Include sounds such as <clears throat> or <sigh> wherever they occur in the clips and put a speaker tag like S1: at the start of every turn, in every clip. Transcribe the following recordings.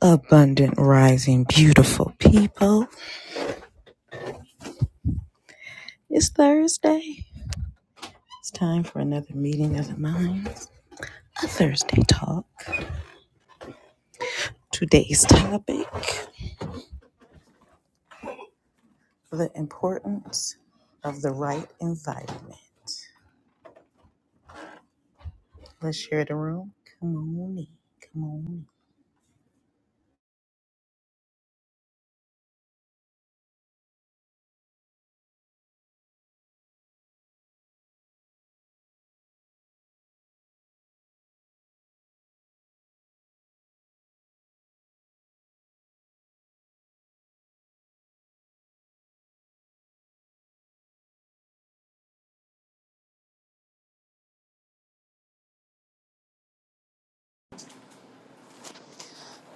S1: Abundant rising, beautiful people. It's Thursday. It's time for another meeting of the minds, a Thursday talk. Today's topic the importance of the right environment. Let's share the room. Come on in. Come on in.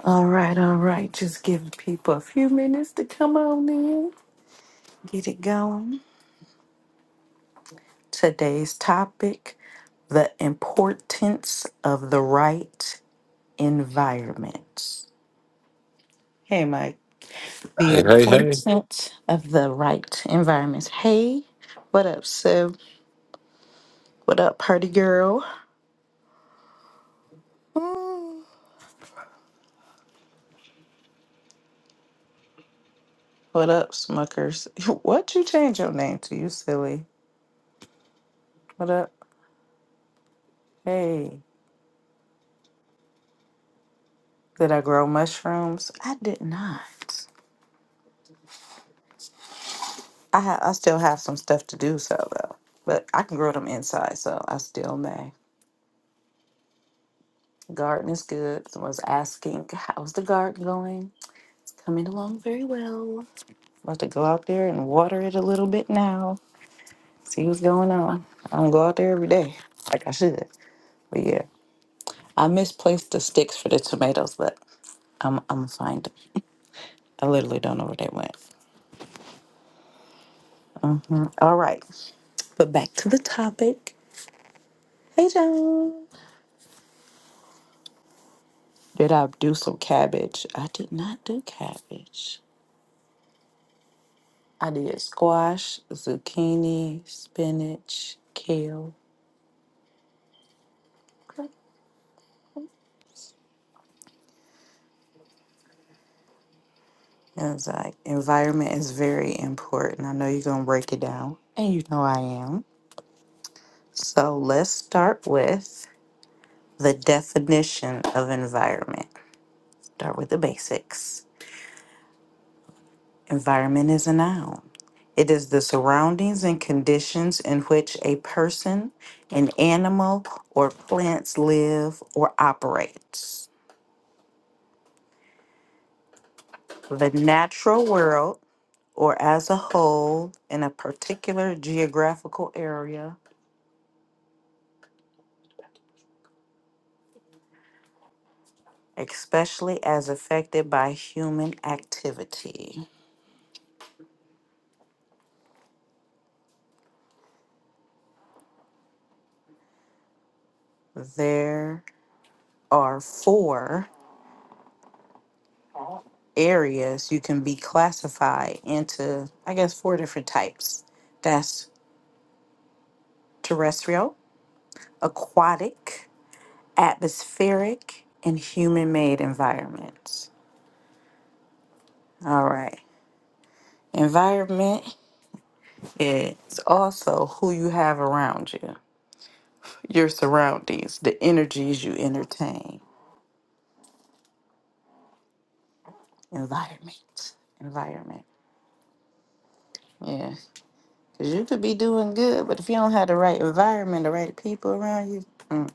S1: All right, all right. Just give people a few minutes to come on in, get it going. Today's topic the importance of the right environment. Hey, Mike. The
S2: Hey, hey, hey.
S1: importance of the right environments. Hey, what up, Sib? What up, party girl? Mm, What up, Smuckers? <laughs> What you change your name to, you silly? What up? Hey, did I grow mushrooms? I did not. I ha- I still have some stuff to do, so though. But I can grow them inside, so I still may. Garden is good. Someone's asking, how's the garden going? It's coming along very well. About to go out there and water it a little bit now. See what's going on. I don't go out there every day like I should. But yeah, I misplaced the sticks for the tomatoes, but I'm I'm gonna find them. I literally don't know where they went. Mm, All right, but back to the topic. Hey, John. Did I do some cabbage? I did not do cabbage. I did squash, zucchini, spinach, kale. Yes, I, environment is very important. I know you're going to break it down, and you know I am. So let's start with the definition of environment. Start with the basics. Environment is a noun, it is the surroundings and conditions in which a person, an animal, or plants live or operates. The natural world, or as a whole, in a particular geographical area especially as affected by human activity. There are four areas you can be classified into, I guess, four different types that's terrestrial, aquatic, atmospheric, and human made environments. All right. Environment is also who you have around you, your surroundings, the energies you entertain. Environment. Environment. Yeah. Cause you could be doing good, but if you don't have the right environment, the right people around you, mm,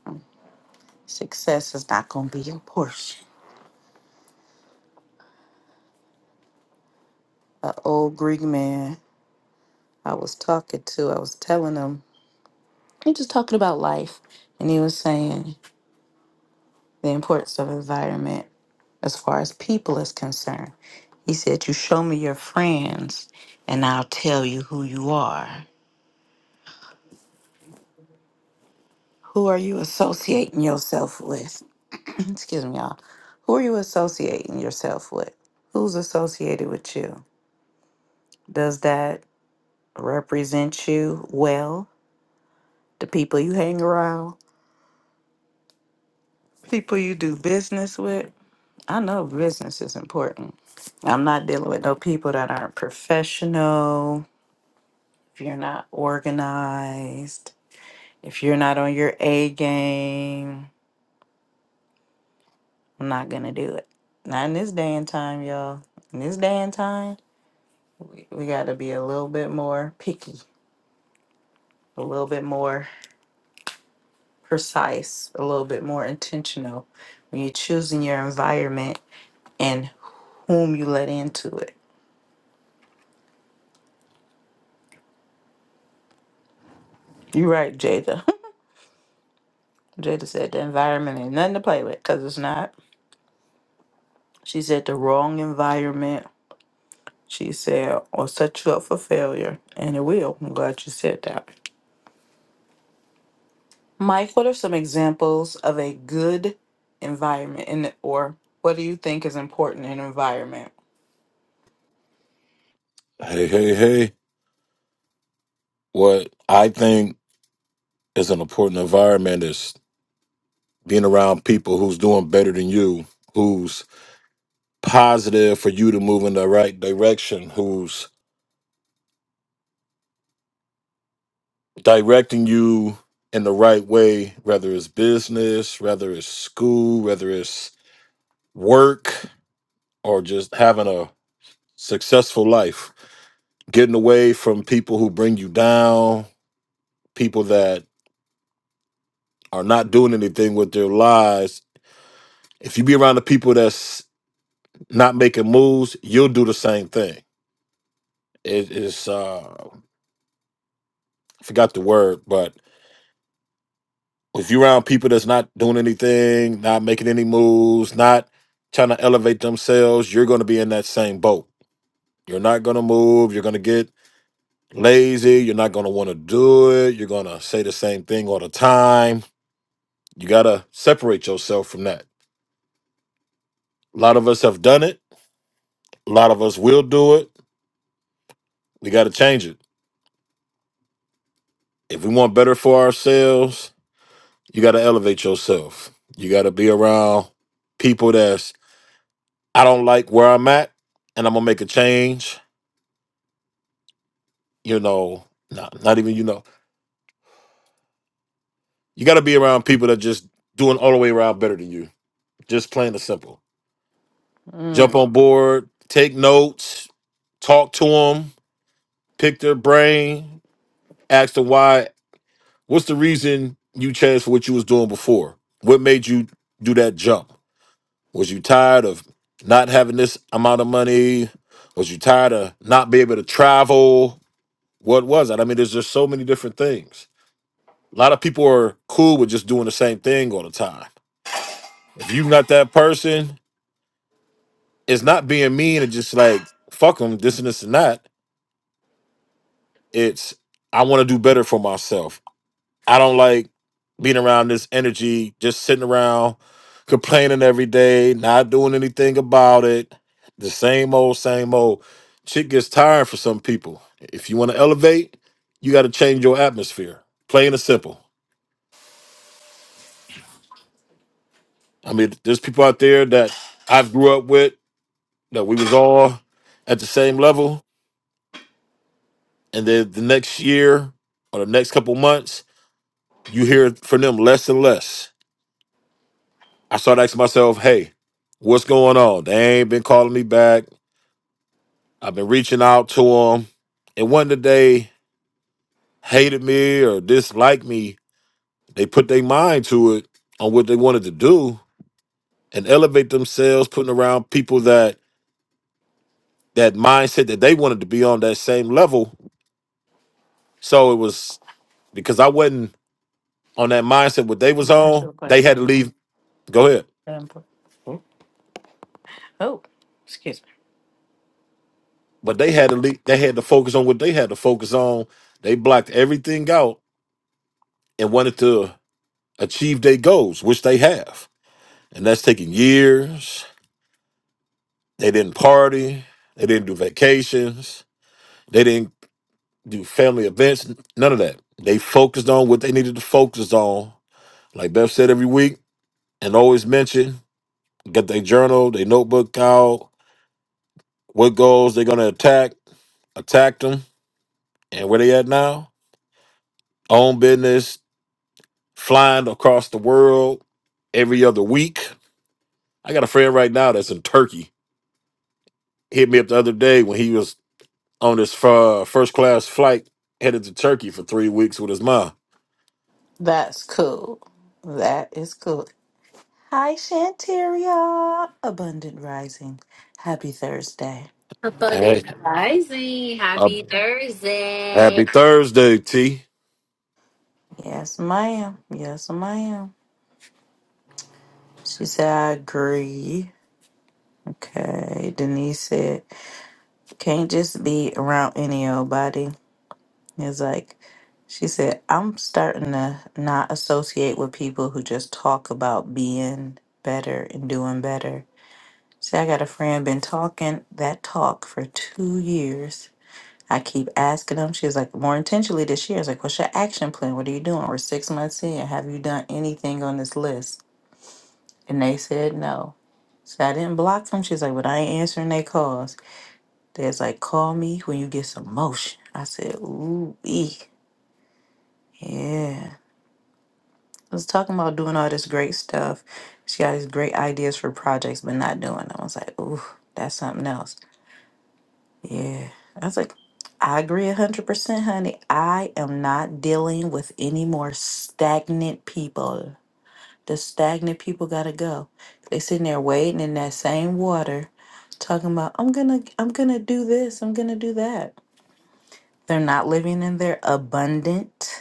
S1: success is not gonna be your portion. An old Greek man I was talking to, I was telling him, he just talking about life, and he was saying the importance of environment as far as people is concerned. He said, "You show me your friends, and I'll tell you who you are." Who are you associating yourself with? <clears throat> Excuse me, y'all. Who are you associating yourself with? Who's associated with you? Does that represent you well? The people you hang around? People you do business with? I know business is important. I'm not dealing with no people that aren't professional. If you're not organized, if you're not on your A game, I'm not gonna do it. Not in this day and time, y'all. In this day and time, we gotta be a little bit more picky, a little bit more precise, a little bit more intentional when you're choosing your environment and whom you let into it. You're right, Jada. <laughs> Jada said the environment ain't nothing to play with because it's not. She said the wrong environment, she said, will set you up for failure, and it will. I'm glad you said that. Mike, what are some examples of a good environment, and or what do you think is important in environment?
S2: Hey, hey, hey. What I think is an important environment is being around people who's doing better than you, who's positive for you to move in the right direction, who's directing you in the right way, whether it's business, whether it's school, whether it's work, or just having a successful life. Getting away from people who bring you down, people that are not doing anything with their lives If you be around the people that's not making moves, you'll do the same thing. It is uh I forgot the word, but if you're around people that's not doing anything, not making any moves, not trying to elevate themselves, you're gonna be in that same boat. You're not gonna move, you're gonna get lazy, you're not gonna wanna do it, you're gonna say the same thing all the time. You gotta separate yourself from that. A lot of us have done it, a lot of us will do it. We gotta change it. If we want better for ourselves, You got to elevate yourself. You got to be around people that's I don't like where I'm at, and I'm gonna make a change. You know, not not even you know. You got to be around people that just doing all the way around better than you. Just plain and simple. Jump
S1: Mm.
S2: on board. Take notes. Talk to them. Pick their brain. Ask them why. What's the reason you changed for what you was doing before? What made you do that jump? Was you tired of not having this amount of money? Was you tired of not being able to travel? What was it? I mean, there's just so many different things. A lot of people are cool with just doing the same thing all the time. If you're not that person, it's not being mean and just like fuck them, this and this and that. It's I want to do better for myself. I don't like being around this energy, just sitting around complaining every day, not doing anything about it. The same old, same old. Shit gets tiring for some people. If you want to elevate, you got to change your atmosphere. Plain and simple. I mean, there's people out there that I've grew up with that we was all at the same level, and then the next year or the next couple months, you hear from them less and less. I started asking myself, hey, what's going on? They ain't been calling me back. I've been reaching out to them. And one that they hated me or disliked me, they put their mind to it on what they wanted to do and elevate themselves, putting around people that that mindset that they wanted to be on that same level. So it was because I wasn't on that mindset what they
S1: I'm
S2: was
S1: gonna ask you
S2: on,
S1: a
S2: they
S1: question.
S2: had to
S1: on
S2: leave. Go ahead.
S1: that input. Oh, oh, excuse me.
S2: But they had to leave, they had to focus on what they had to focus on. They blocked everything out and wanted to achieve their goals, which they have. And that's taking years. They didn't party. They didn't do vacations. They didn't do family events. None of that. They focused on what they needed to focus on. Like Beth said every week and always mentioned. get their journal, their notebook out, what goals they're going to attack, attack them, and where they at now. Own business, flying across the world every other week. I got a friend right now that's in Turkey. Hit me up the other day when he was on his uh, first class flight headed to Turkey for three weeks with his mom.
S1: That's cool. That is cool. Hi, Shanteria. Abundant Rising. Happy Thursday.
S2: Hey,
S3: Abundant rising.
S2: Uh,
S3: Happy Thursday.
S2: happy Thursday, T.
S1: Yes, ma'am. Yes, ma'am. She said, I agree. Okay. Denise said, can't just be around any old body. It's like she said, I'm starting to not associate with people who just talk about being better and doing better. See, I got a friend been talking that talk for two years. I keep asking them. She's like, more intentionally this year. I was like, what's your action plan? What are you doing? We're six months in. Have you done anything on this list? And they said no. So I didn't block them. She's like, but I ain't answering their calls. They's like, call me when you get some motion. I said, ooh, ee. yeah. I was talking about doing all this great stuff. She got these great ideas for projects, but not doing them. I was like, ooh, that's something else. Yeah. I was like, I agree 100%, honey. I am not dealing with any more stagnant people. The stagnant people got to go. They sitting there waiting in that same water, talking about, I'm going to, I'm going to do this. I'm going to do that. They're not living in their abundant.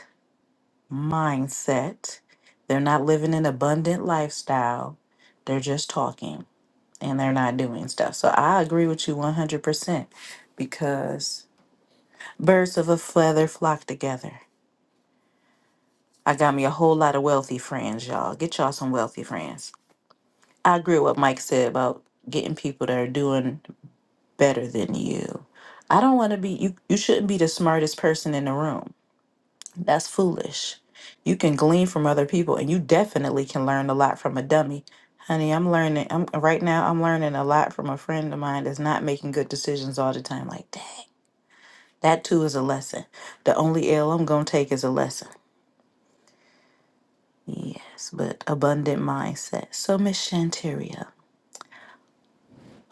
S1: mindset. They're not living an abundant lifestyle. They're just talking and they're not doing stuff. So I agree with you 100% because birds of a feather flock together. I got me a whole lot of wealthy friends, y'all. Get y'all some wealthy friends. I agree with what Mike said about getting people that are doing better than you. I don't want to be you you shouldn't be the smartest person in the room. That's foolish. You can glean from other people and you definitely can learn a lot from a dummy. Honey, I'm learning I'm right now I'm learning a lot from a friend of mine that's not making good decisions all the time. Like, dang, that too is a lesson. The only L I'm gonna take is a lesson. Yes, but abundant mindset. So Miss Shanteria.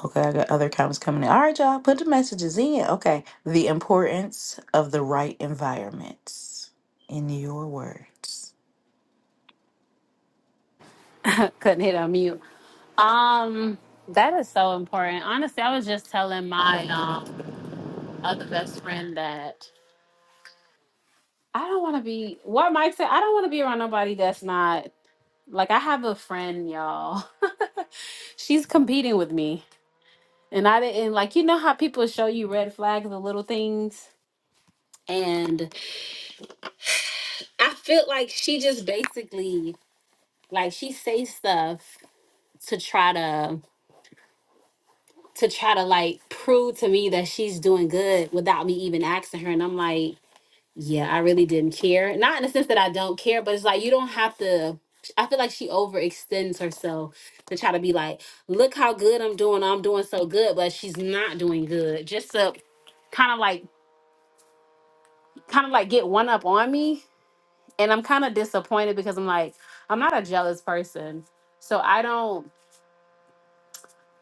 S1: Okay, I got other comments coming in. All right, y'all, put the messages in. Okay. The importance of the right environments in your words.
S3: <laughs> Couldn't hit on mute. Um, that is so important. Honestly, I was just telling my um other best friend that I don't want to be what Mike said. I don't want to be around nobody that's not like I have a friend, y'all. <laughs> She's competing with me, and I didn't like you know how people show you red flags, the little things, and I feel like she just basically like she says stuff to try to to try to like prove to me that she's doing good without me even asking her. And I'm like, yeah, I really didn't care. Not in the sense that I don't care, but it's like you don't have to. I feel like she overextends herself to try to be like, look how good I'm doing. I'm doing so good, but she's not doing good. Just to kind of like, kind of like get one up on me. And I'm kind of disappointed because I'm like, I'm not a jealous person. So I don't,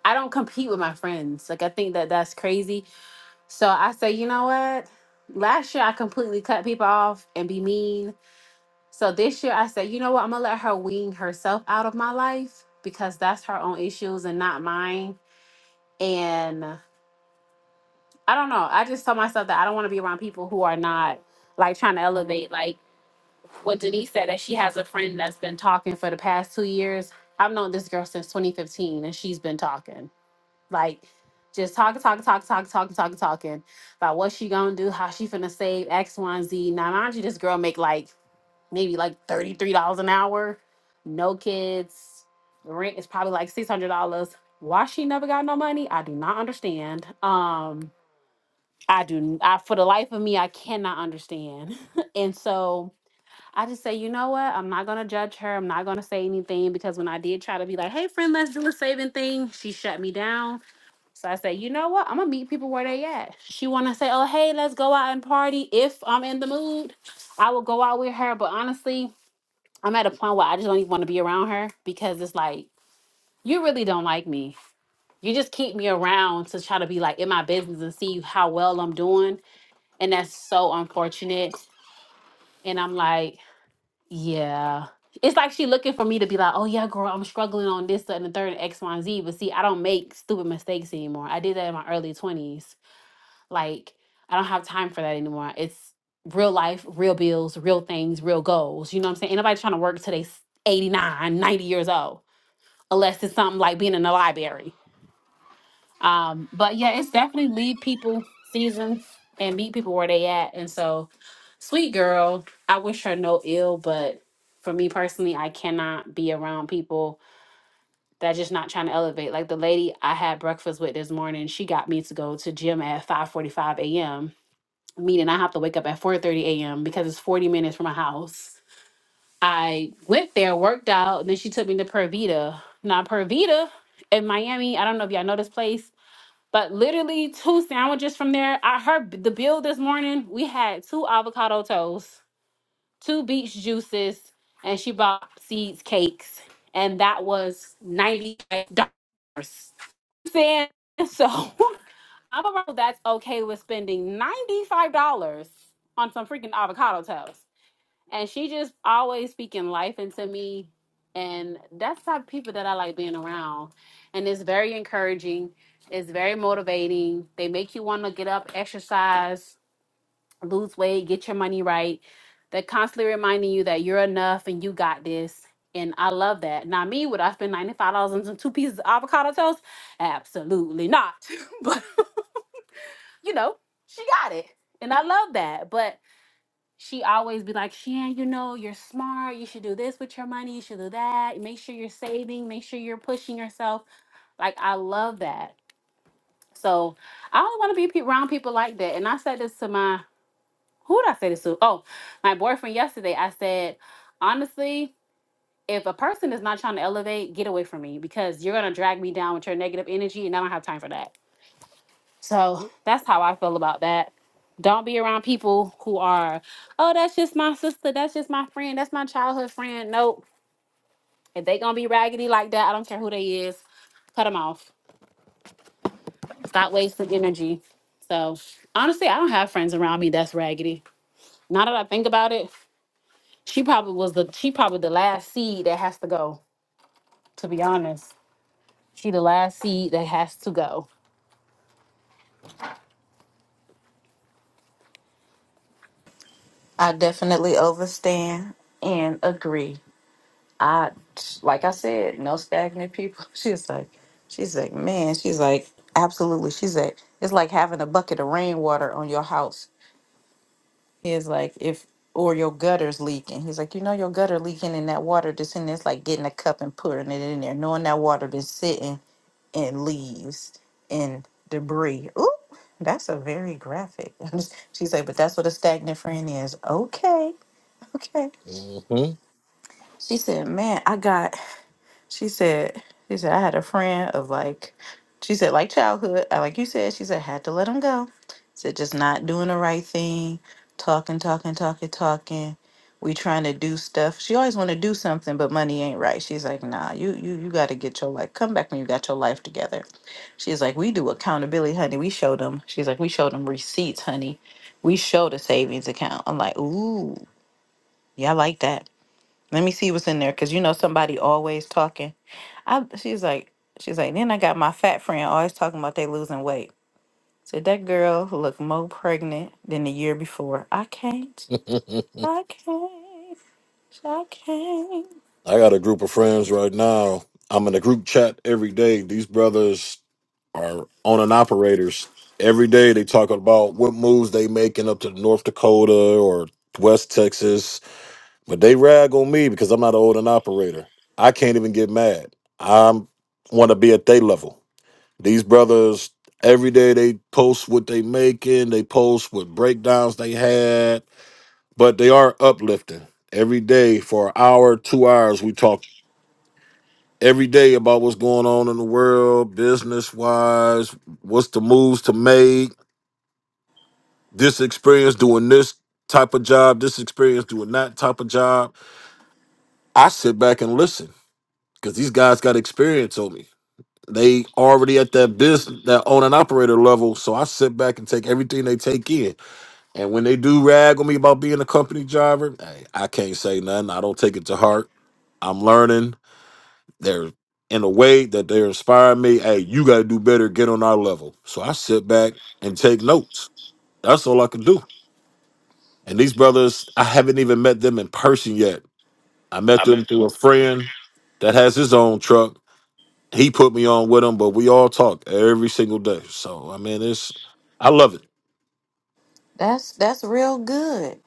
S3: I don't compete with my friends. Like, I think that that's crazy So I say, you know what? Last year I completely cut people off and be mean. So this year I say, you know what? I'm gonna let her wean herself out of my life because that's her own issues and not mine. And I don't know. I just told myself that I don't want to be around people who are not like trying to elevate. Like what Denise said that she has a friend that's been talking for the past two years. I've known this girl since 2015 and she's been talking. like just talking, talking, talking, talking, talking, talking, talking about what she gonna do, how she finna save X, Y, and Z. Now, mind you, this girl make like maybe like thirty three dollars an hour, no kids, rent is probably like six hundred dollars. Why she never got no money? I do not understand. Um, I do. I for the life of me, I cannot understand. <laughs> and so I just say, you know what? I'm not gonna judge her. I'm not gonna say anything because when I did try to be like, hey friend, let's do a saving thing, she shut me down so I said, you know what? I'm gonna meet people where they at. She wanna say, oh hey, let's go out and party. If I'm in the mood, I will go out with her. But honestly, I'm at a point where I just don't even want to be around her because it's like you really don't like me. You just keep me around to try to be like in my business and see how well I'm doing, and that's so unfortunate. And I'm like, yeah. It's like she looking for me to be like, oh yeah, girl, I'm struggling on this, that, and the third, X, Y, and Z. But see, I don't make stupid mistakes anymore. I did that in my early 20s Like, I don't have time for that anymore. It's real life, real bills, real things, real goals. You know what I'm saying? Ain't nobody trying to work till they s- 89, 90 years old, unless it's something like being in the library. Um, but yeah, it's definitely leave people season and meet people where they at. And so, sweet girl, I wish her no ill, but for me personally, I cannot be around people that just not trying to elevate. Like the lady I had breakfast with this morning, she got me to go to gym at 5:45 a.m meeting i have to wake up at 4 30 a.m because it's 40 minutes from my house i went there worked out and then she took me to pervita now pervita in miami i don't know if y'all know this place but literally two sandwiches from there i heard the bill this morning we had two avocado toasts two beach juices and she bought seeds cakes and that was $95 saying <laughs> so <laughs> I'm a girl that's okay with spending $95 on some freaking avocado toast. And she just always speaking life into me. And that's the type of people that I like being around. And it's very encouraging. It's very motivating. They make you want to get up, exercise, lose weight, get your money right. They're constantly reminding you that you're enough and you got this. And I love that. Now, me, would I spend $95 on some two pieces of avocado toast? Absolutely not. <laughs> you know, she got it. And I love that. But she always be like, Shan, you know, you're smart. You should do this with your money. You should do that. Make sure you're saving. Make sure you're pushing yourself. Like, I love that. So I don't want to be pe- around people like that. And I said this to my, who did I say this to? Oh, my boyfriend yesterday. I said, honestly, if a person is not trying to elevate, get away from me because you're going to drag me down with your negative energy. And I don't have time for that. So that's how I feel about that. Don't be around people who are, oh, that's just my sister, that's just my friend, that's my childhood friend. Nope. If they gonna be raggedy like that, I don't care who they is. Cut them off. Stop wasting energy. So honestly, I don't have friends around me that's raggedy. Now that I think about it, she probably was the she probably the last seed that has to go. To be honest, she the last seed that has to go
S1: I definitely overstand and agree. I like I said, no stagnant people. <laughs> She's like, she's like, man, she's like, absolutely. She's like, it's like having a bucket of rainwater on your house. He's like, if or your gutter's leaking. He's like, you know your gutter leaking and that water that's in there, it's like getting a cup and putting it in there, knowing that water been sitting in leaves and debris. Ooh, that's a very graphic. <laughs> She's like, but that's what a stagnant friend is. Okay. <laughs> Okay.
S2: hmm
S1: She said, "Man, I got." She said, "She said I had a friend of like." She said, "Like childhood, uh, like you said." She said, "Had to let him go." Said just not doing the right thing, talking, talking, talking, talking. We trying to do stuff. She always want to do something, but money ain't right. She's like, "Nah, you you you got to get your life. Come back when you got your life together." She's like, "We do accountability, honey. We show them." She's like, "We show them receipts, honey. We show the savings account." I'm like, "Ooh, yeah, I like that." Let me see what's in there, cause you know somebody always talking. I she's like she's like. Then I got my fat friend always talking about they losing weight. So that girl look more pregnant than the year before. I can't.
S2: <laughs>
S1: I can't. I can't.
S2: I got a group of friends right now. I'm in a group chat every day. These brothers are on and operators. Every day they talk about what moves they making up to North Dakota or West Texas, but they rag on me because I'm not an owner operator. I can't even get mad. I'm want to be at their level. These brothers, every day they post what they making, they post what breakdowns they had, but they are uplifting. Every day for an hour, two hours, we talk every day about what's going on in the world, business wise, what's the moves to make, this experience doing this type of job, this experience doing that type of job. I sit back and listen because these guys got experience on me they already at that business that own and operator level so i sit back and take everything they take in And when they do rag on me about being a company driver, hey, I can't say nothing. I don't take it to heart. I'm learning. They're in a way that they're inspiring me. Hey, you got to do better. Get on our level. So I sit back and take notes. That's all I can do. And these brothers, I haven't even met them in person yet. I met
S1: I met
S2: them through a friend that has his own truck. He put me on with him, but we all talk every single day. So I mean, it's I love
S1: That's that's real good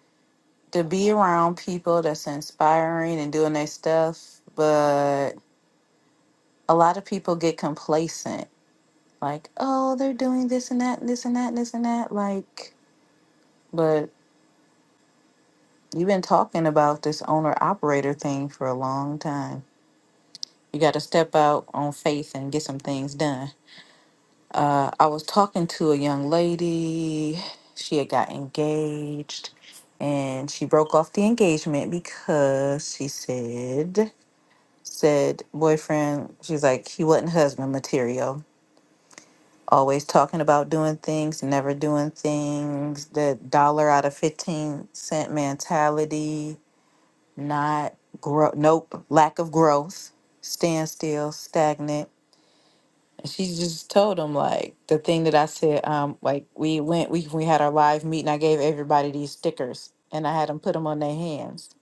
S1: to be around people that's inspiring and doing their stuff, but a lot of people get complacent. Like, oh, they're doing this and that, and this and that, and this and that. Like, but You've been talking about this owner operator thing for a long time. You got to step out on faith and get some things done. Uh, I was talking to a young lady. She had got engaged and she broke off the engagement because she said, said boyfriend, she's like, he wasn't husband material. Always talking about doing things, never doing things, the dollar out of 15 cent mentality not grow nope lack of growth standstill stagnant and she just told him like the thing that i said um like we went we, we had our live meeting i gave everybody these stickers and i had them put them on their hands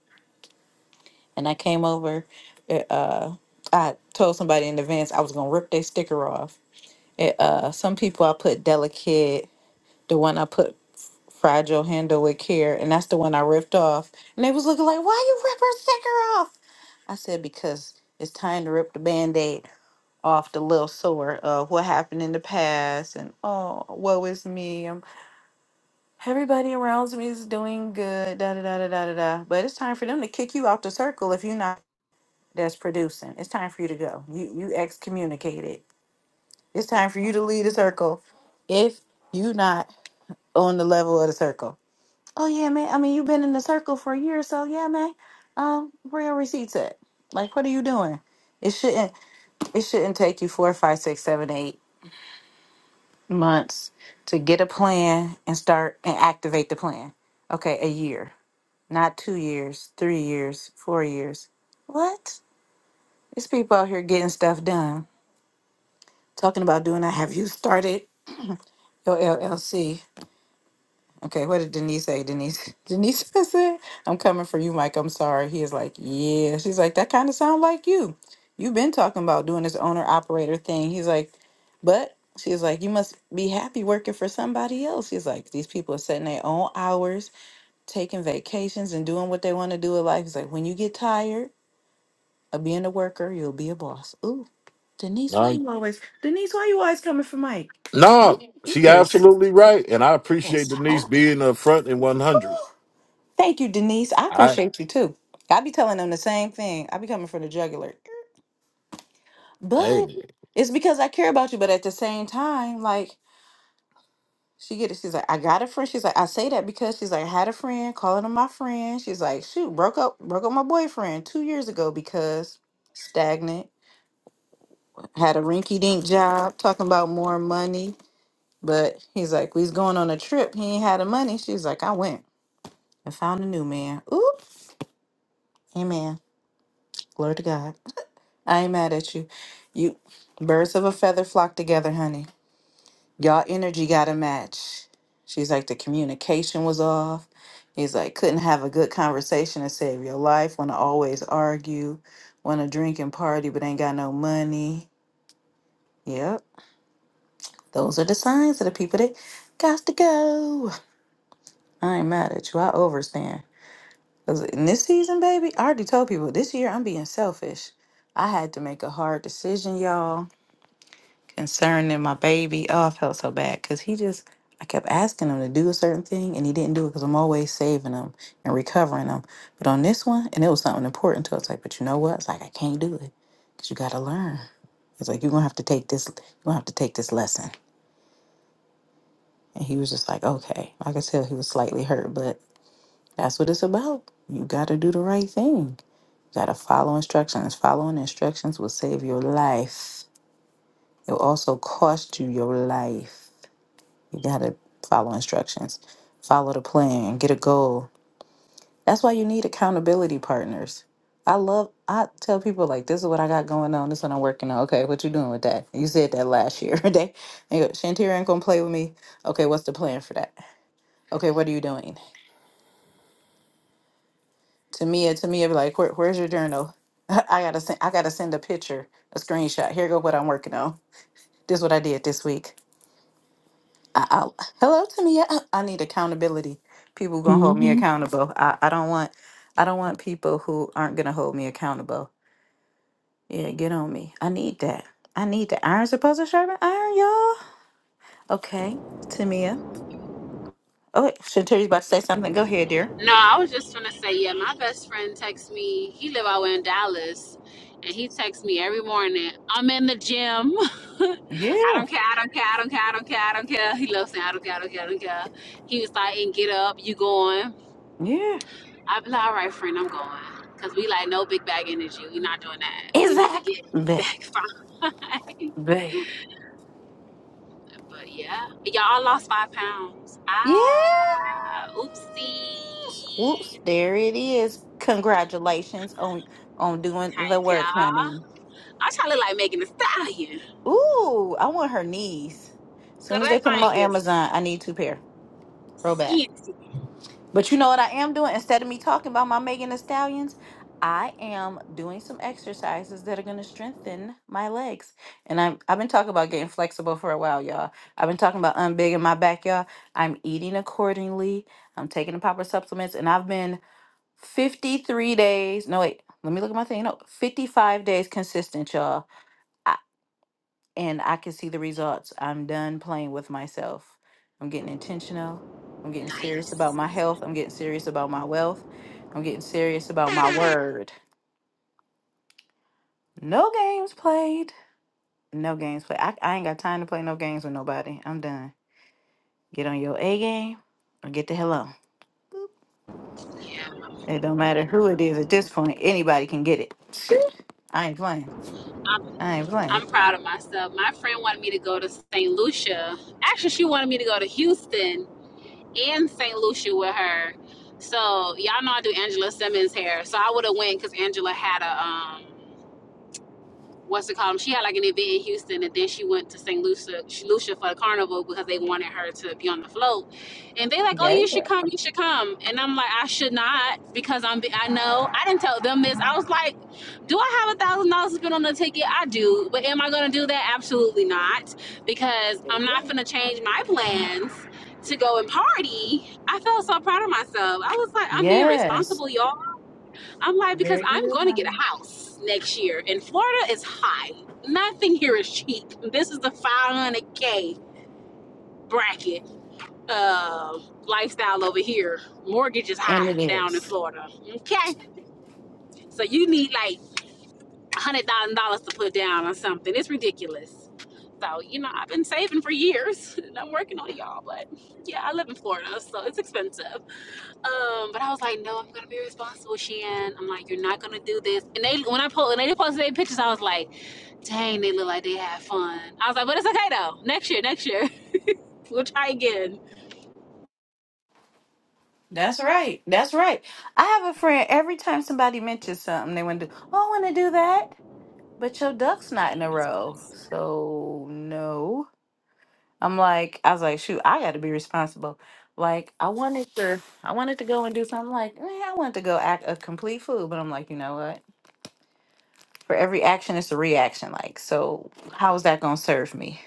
S1: and i came over it, uh i told somebody in advance i was gonna rip their sticker off it, uh some people i put delicate the one i put fragile handle with care and that's the one i ripped off and they was looking like why you rip her sticker off I said, because it's time to rip the band aid off the little sore of what happened in the past and oh, woe is me. Um everybody around me is doing good, da da da da da da da. But it's time for them to kick you off the circle if you're not that's producing. It's time for you to go. You you excommunicated. It's time for you to leave the circle if you not on the level of the circle. Oh yeah, man. I mean you've been in the circle for a year, so yeah, man. Um, where your receipts at? Like what are you doing? It shouldn't. it shouldn't take you four, five, six, seven, eight months to get a plan and start and activate the plan. Okay, a year, not two years, three years, four years. What? There's people out here getting stuff done, talking about doing that. Have you started your LLC? Okay, what did Denise say? Denise, <laughs> Denise said, "I'm coming for you, Mike. I'm sorry." He is like, "Yeah." She's like, "That kind of sound like you. You've been talking about doing this owner operator thing." He's like, "But." She's like, you must be happy working for somebody else. He's like, these people are setting their own hours, taking vacations, and doing what they want to do in life. He's like, when you get tired of being a worker, you'll be a boss. Ooh, Denise, why
S2: it.
S1: you always, Denise, why you always coming for Mike? You,
S2: No,
S1: you
S2: she
S1: is
S2: absolutely right, and I appreciate
S1: pissed
S2: Denise being upfront and one hundred.
S1: Thank you, Denise. I
S2: I
S1: appreciate you too. I be telling them the same thing. I be coming for the jugular.
S2: hey
S1: But it's because I care about you. But at the same time, like she get it. She's like, I got a friend. She's like, I say that because she's like, I had a friend, calling him my friend. She's like, shoot, broke up, broke up my boyfriend two years ago because stagnant, had a rinky dink job, talking about more money. But he's like, we's going on a trip. He ain't had the money. She's like, I went and found a new man. Ooh, amen. Glory to God. I ain't mad at you. You birds of a feather flock together, honey. Y'all energy got to match. She's like the communication was off. He's like couldn't have a good conversation to save your life. Want to always argue. Want to drink and party, but ain't got no money. Yep, those are the signs of the people that got to go. I ain't mad at you. I overstand. 'Cause in this season, baby, I already told people this year I'm being selfish. I had to make a hard decision, y'all concerning my baby. Oh, I felt so bad because he just, I kept asking him to do a certain thing and he didn't do it because I'm always saving him and recovering him. But on this one, and it was something important to us, like, but you know what? It's like, I can't do it because you got to learn. It's like, you're going to have to take this, you're going to have to take this lesson. And he was just like, okay. Like I could tell he was slightly hurt, but that's what it's about. You got to do the right thing. You got to follow instructions. Following instructions will save your life. It will also cost you your life. You gotta follow instructions, follow the plan, get a goal. That's why you need accountability partners. I love I tell people like this is what I got going on, this is what I'm working on. Okay, what you doing with that? You said that last year. <laughs> they they go, Shantira ain't gonna play with me. Okay, what's the plan for that? Okay, what are you doing? To me, uh, to me, it'd be like, Where, where's your journal? <laughs> I gotta send I gotta send a picture, a screenshot. Here go what I'm working on. This what I did this week. I, I, hello to me. I need accountability. People gonna hold me
S4: hmm
S1: accountable. I, I don't want I don't want people who aren't gonna hold me accountable. Yeah, get on me. I need that. I need that. Iron's supposed to sharpen iron, y'all. Okay, Tamia. Oh wait, Shantari's about to say something. Go ahead, dear.
S3: No, I was just gonna say, yeah, my best friend texts me, he live out in Dallas, and he texts me every morning, I'm in the gym. <laughs> I
S1: Yeah,
S3: don't care, I don't care, I don't care, I don't care, I don't care. He loves saying I don't care, I don't care, I don't care. He was like, and get up, you going.
S1: yeah.
S3: I be like, all right, friend, I'm going. Cause we like no big bag energy. we not doing that. We need to
S1: Exactly.
S3: get
S1: Babe,
S3: back <laughs> fine.
S1: babe.
S3: but yeah. Y'all I lost five pounds.
S1: Yes.
S3: Ah
S1: Whoops,
S3: oopsie.
S1: there it is. Congratulations on on doing the
S3: Thank
S1: work,
S3: y'all.
S1: honey.
S3: I try to look like Megan Thee Stallion.
S1: Ooh, I want her knees.
S3: Cause
S1: soon as they
S3: that
S1: put them on
S3: thing is
S1: Amazon, I need two pair. Roll back.
S3: skinty.
S1: But you know what I am doing? Instead of me talking about my Megan Thee Stallions, I am doing some exercises that are going to strengthen my legs. And I'm, I've been talking about getting flexible for a while, y'all. I've been talking about unbigging my back, y'all. I'm eating accordingly. I'm taking the proper supplements. And I've been 53 days. No, wait. Let me look at my thing. No, 55 days consistent, y'all and I can see the results. I'm done playing with myself. I'm getting intentional. I'm getting serious about
S3: Nice.
S1: my health. I'm getting serious about my wealth. I'm getting serious about my word. No games played. No games played. I, I ain't got time to play no games with nobody. I'm done. Get on your A game or get the hell on.
S3: Yeah.
S1: It don't matter who it is at this point. Anybody can get it. <laughs> I ain't playing. I ain't playing.
S3: I'm proud of myself. My friend wanted me to go to St. Lucia. Actually, she wanted me to go to Houston and St. Lucia with her. So y'all know I do Angela Simmons hair. So I would have went because Angela had a um what's it called? She had like an event in Houston, and then she went to St. Lucia, Lucia for the carnival because they wanted her to be on the float. And they like, oh,
S1: Yeah.
S3: you should come, you should come. And I'm like, I should not because I'm. I know I didn't tell them this. I was like, do I have a thousand dollars to spend on a ticket? I do, but am I gonna do that? Absolutely not, because I'm
S1: yeah.
S3: not gonna change my plans. To go and party, I felt so proud of myself. I was like, I'm being
S1: Yes.
S3: responsible, y'all. I'm like, because
S1: Very
S3: I'm
S1: good.
S3: going to get a
S1: honey.
S3: house next year, and Florida is high. Nothing here is cheap. This is the 500k bracket uh, lifestyle over here. Mortgage is
S1: And
S3: high
S1: it
S3: down in
S1: is.
S3: Florida. Okay, so you need like one hundred thousand dollars to put down on something. It's ridiculous. So you know, I've been saving for years, <laughs> and I'm working on it, y'all. But yeah, I live in Florida, so it's expensive. Um, but I was like, no, I'm gonna be responsible, Shan. I'm like, you're not gonna do this. And they when I po- when they posted their pictures, I was like, dang, they look like they had fun. I was like, but it's okay though. Next year, next year, <laughs> we'll try again.
S1: That's right. That's right. I have a friend. Every time somebody mentions something, they want to do. Oh, I want to do that, but your duck's not in a row, so no. I'm like, I was like, shoot, I got to be responsible. Like, I wanted to, I wanted to go and do something. Like, eh, I wanted to go act a complete fool, but I'm like, you know what? For every action, it's a reaction. Like, so how is that gonna serve me?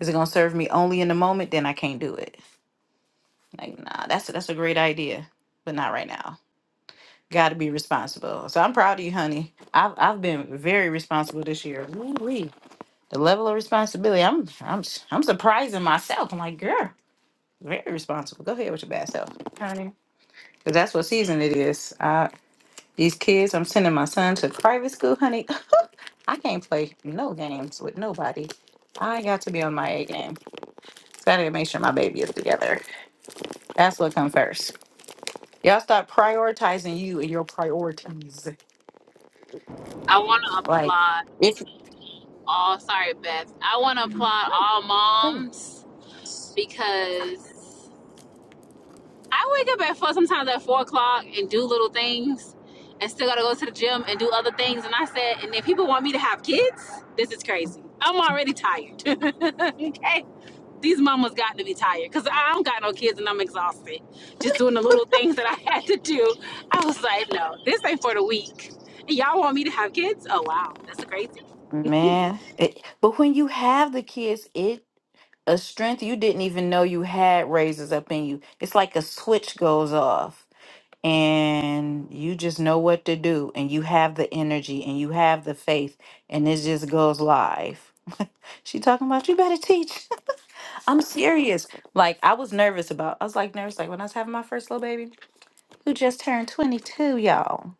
S1: Is it gonna serve me only in the moment? Then I can't do it. Like, nah, that's that's a great idea, but not right now. Got to be responsible. So I'm proud of you, honey. I've I've been very responsible this year. Woo-wee. The level of responsibility, I'm I'm I'm surprising myself. I'm like, girl, very responsible. Go ahead with your bad self, honey. Cause that's what season it is. Uh, these kids, I'm sending my son to private school, honey. <gasps> <clears throat> I can't play no games with nobody. I got to be on my A game. So I gotta make sure my baby is together. That's what comes first. Y'all start prioritizing you and your priorities.
S3: I want to
S1: Like,
S3: applaud
S1: if
S3: all. Sorry, Beth. I want to applaud
S1: mm,
S3: all moms because I wake up at four, sometimes at four o'clock, and do little things, and still gotta go to the gym and do other things. And I said, and if people want me to have kids, this is crazy. I'm already tired. <laughs> okay, these mamas got to be tired because I don't got no kids and I'm exhausted. Just doing the little things that I <laughs> had to do, I was like, no, this ain't for the weak. And y'all want me to have kids? Oh wow, that's crazy.
S1: Man, it, but when you have the kids, it a strength you didn't even know you had raises up in you. It's like a switch goes off and you just know what to do and you have the energy and you have the faith and it just goes live. <laughs> she talking about you better teach. <laughs> I'm serious. Like I was nervous about. I was like nervous like when I was having my first little baby who just turned 22, y'all.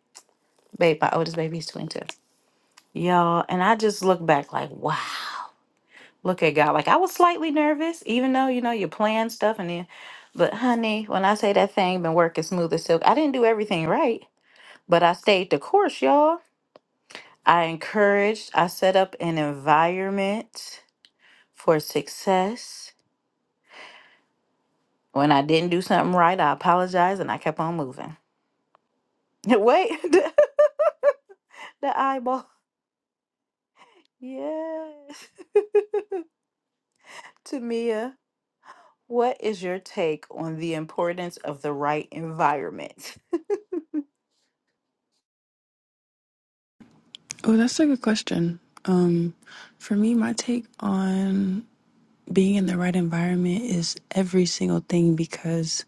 S1: Babe, my oldest baby is 22. Y'all, and I just look back like, wow. Look at God. Like I was slightly nervous, even though, you know, you're playing stuff and then but honey, when I say that thing been working smooth as silk, I didn't do everything right, but I stayed the course, y'all. I encouraged, I set up an environment for success. When I didn't do something right, I apologized and I kept on moving. <laughs> Wait, <laughs> the, the eyeball. Yes. Tamia, what is your take on the importance of the right environment?
S4: Oh, that's a good question. Um, for me, my take on being in the right environment is every single thing because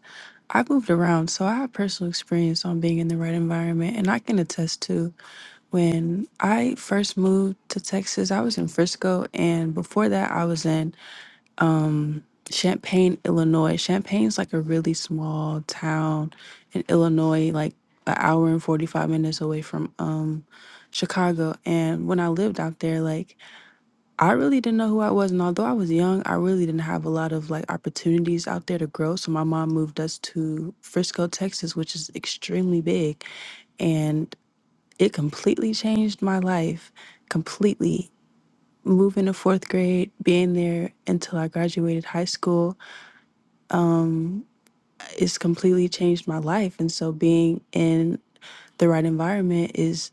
S4: I moved around, so I have personal experience on being in the right environment, and I can attest to when I first moved to Texas, I was in Frisco, and before that, I was in um Champaign, Illinois. Champaign's like a really small town in Illinois, like an hour and 45 minutes away from um Chicago. And when I lived out there, like I really didn't know who I was. And although I was young, I really didn't have a lot of like opportunities out there to grow. So my mom moved us to Frisco, Texas, which is extremely big. And it completely changed my life. Completely. Moving to fourth grade, being there until I graduated high school it's completely changed my life. And so being in the right environment is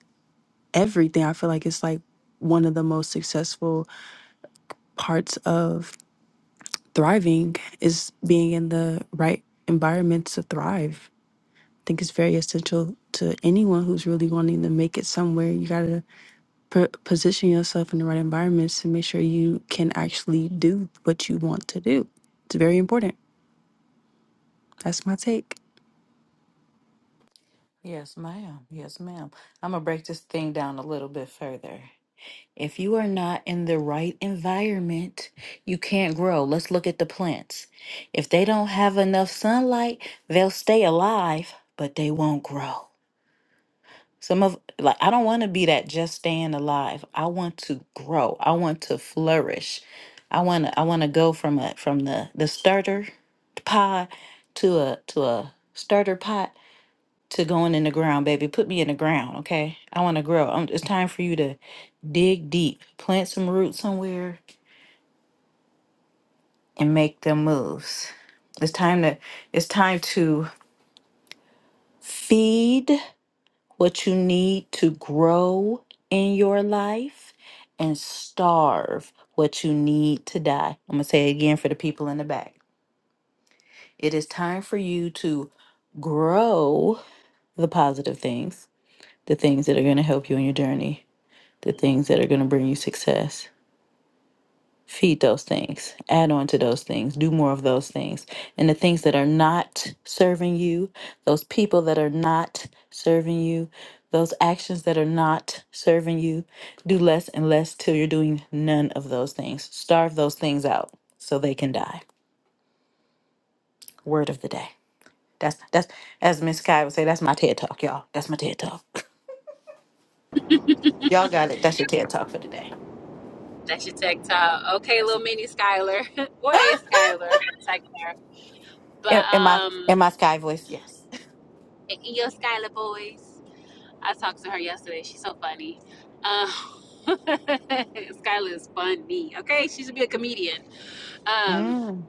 S4: everything. I feel like it's like one of the most successful parts of thriving is being in the right environment to thrive. I think it's very essential to anyone who's really wanting to make it somewhere. You got to p- position yourself in the right environments to make sure you can actually do what you want to do. It's very important. That's my take.
S1: Yes, ma'am. Yes, ma'am. I'm going to break this thing down a little bit further. If you are not in the right environment, you can't grow. Let's look at the plants. If they don't have enough sunlight, they'll stay alive, but they won't grow. Some of, like, I don't want to be that just staying alive. I want to grow. I want to flourish. I want to, I want to go from a, from the, the starter pod to a, to a starter pot to going in the ground, baby. Put me in the ground, okay? I want to grow. Um it's time for you to dig deep, plant some roots somewhere, and make them moves. It's time to it's time to feed what you need to grow in your life and starve what you need to die. I'm gonna say it again for the people in the back. It is time for you to grow the positive things, the things that are gonna help you in your journey the things that are going to bring you success. Feed those things, add on to those things, do more of those things. And the things that are not serving you, those people that are not serving you, those actions that are not serving you, do less and less till you're doing none of those things. Starve those things out so they can die. Word of the day. That's that's as Miss Sky would say, that's my TED talk, y'all. That's my TED talk. <laughs> Y'all got it. That's your TED talk for today.
S3: That's your tech talk. Okay,
S1: That's
S3: little
S1: it.
S3: mini Skylar. <laughs>
S1: <laughs>
S3: Where is Skylar? Tech But
S1: In, in my in
S3: um,
S1: my sky voice, yes.
S3: and your Skylar boys. I talked to her yesterday. She's so funny. Uh, <laughs> Skylar is funny. Okay, she should be a comedian. Um,
S1: Mm.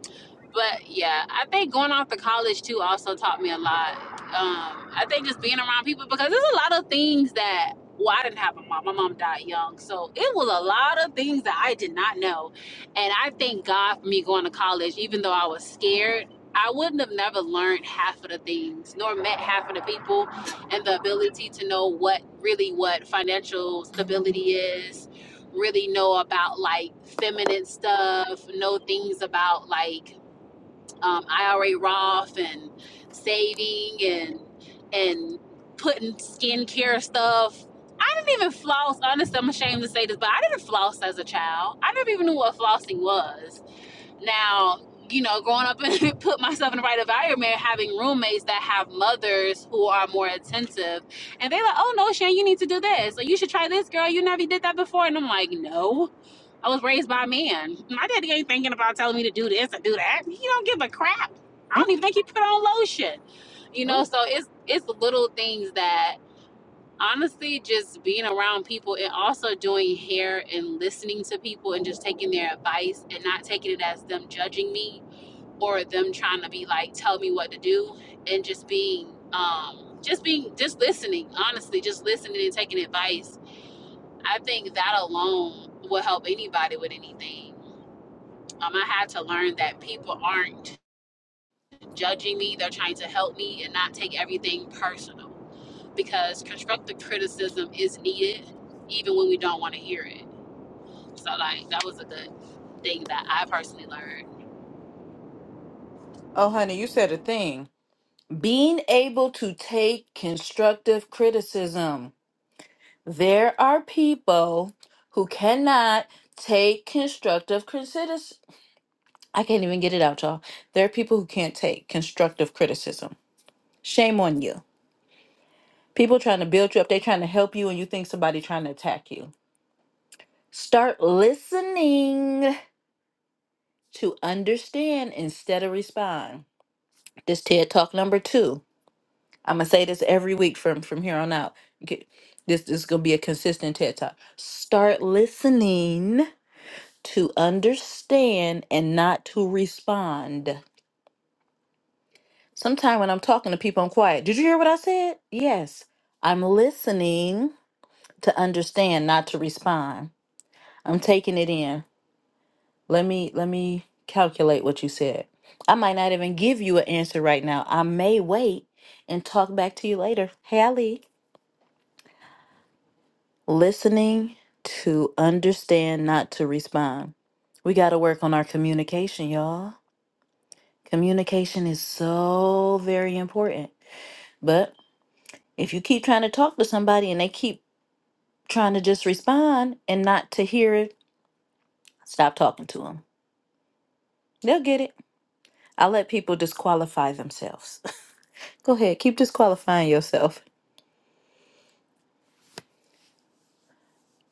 S3: but yeah, I think going off to college too also taught me a lot. Um, I think just being around people because there's a lot of things that well, I didn't have a mom. My mom died young, so it was a lot of things that I did not know, and I thank God for me going to college, even though I was scared. I wouldn't have never learned half of the things, nor met half of the people, and the ability to know what really what financial stability is, really know about like feminine stuff, know things about like um, IRA Roth and saving and and putting skincare stuff. I didn't even floss. Honestly, I'm ashamed to say this, but I didn't floss as a child. I never even knew what flossing was. Now, you know, growing up and <laughs> put myself in the right environment, having roommates that have mothers who are more attentive, and they're like, "Oh no, Shan, you need to do this, or you should try this, girl. You never did that before," and I'm like, "No." I was raised by a man. My daddy ain't thinking about telling me to do this or do that. He don't give a crap. I
S1: Mm.
S3: don't even think he put on lotion. You know,
S1: Oh,
S3: so it's it's little things that honestly just being around people and also doing hair and listening to people and just taking their advice and not taking it as them judging me or them trying to be like tell me what to do and just being um just being just listening honestly just listening and taking advice I think that alone will help anybody with anything um, I had to learn that people aren't judging me, they're trying to help me and not take everything personal because constructive criticism is needed even when we don't want to hear it. So, like, that was a good thing that I personally learned.
S1: Oh, honey, you said a thing. Being able to take constructive criticism. There are people who cannot take constructive criticism. I can't even get it out, y'all. There are people who can't take constructive criticism. Shame on you. People trying to build you up, they trying to help you, and you think somebody trying to attack you. Start listening to understand instead of respond. This TED Talk number two. I'm gonna say this every week from from here on out. Okay, this, this is gonna be a consistent TED talk. Start listening to understand and not to respond. Sometime when I'm talking to people, I'm quiet. Did you hear what I said? Yes, I'm listening to understand, not to respond. I'm taking it in. Let me let me calculate what you said. I might not even give you an answer right now. I may wait and talk back to you later. Hallie. Listening to understand, not to respond. We got to work on our communication, y'all. Communication is so very important. But if you keep trying to talk to somebody and they keep trying to just respond and not to hear it, stop talking to them. They'll get it. I let people disqualify themselves. <laughs> Go ahead, keep disqualifying yourself.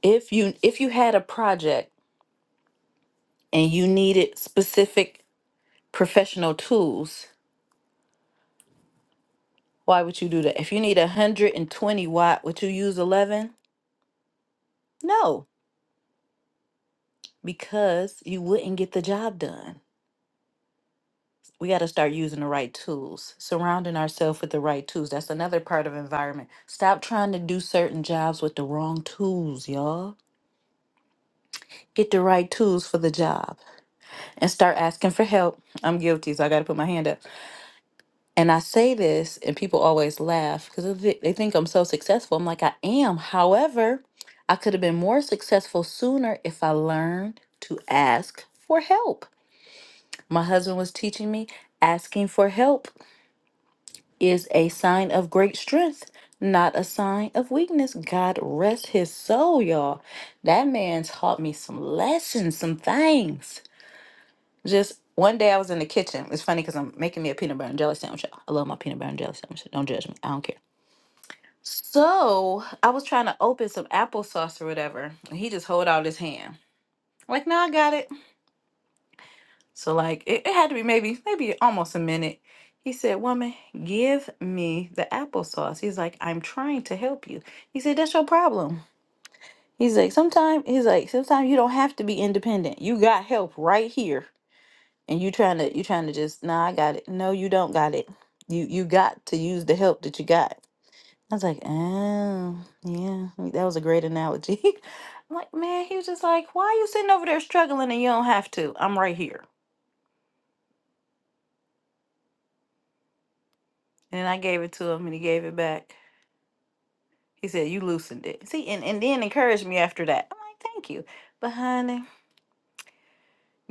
S1: If you if you had a project and you needed specific professional tools, Why would you do that? If you need 120 watt, would you use 11? No, because you wouldn't get the job done. We got to start using the right tools, surrounding ourselves with the right tools. That's another part of environment. Stop trying to do certain jobs with the wrong tools, y'all. Get the right tools for the job and start asking for help. I'm guilty, so I got to put my hand up. And I say this, and people always laugh because they they think I'm so successful. I'm like, I am. However, I could have been more successful sooner if I learned to ask for help. My husband was teaching me asking for help is a sign of great strength, not a sign of weakness. God rest his soul, y'all. That man taught me some lessons, some things. Just one day I was in the kitchen. It's funny because I'm making me a peanut butter and jelly sandwich. y'all. I love my peanut butter and jelly sandwich. Don't judge me. I don't care. So I was trying to open some applesauce or whatever, and he just hold out his hand. I'm like, no, I got it. So like it, it had to be maybe maybe almost a minute. He said, Woman, give me the applesauce. He's like, I'm trying to help you. He said, That's your problem. He's like, sometimes he's like, sometimes you don't have to be independent. You got help right here. And you trying to you trying to just, nah, I got it. No, you don't got it. You you got to use the help that you got. I was like, oh, yeah, that was a great analogy. <laughs> I'm like, man, he was just like, why you sitting over there struggling and you don't have to? I'm right here. And then I gave it to him and he gave it back. He said, you loosened it. See, and, and then encouraged me after that. I'm like, thank you. But honey.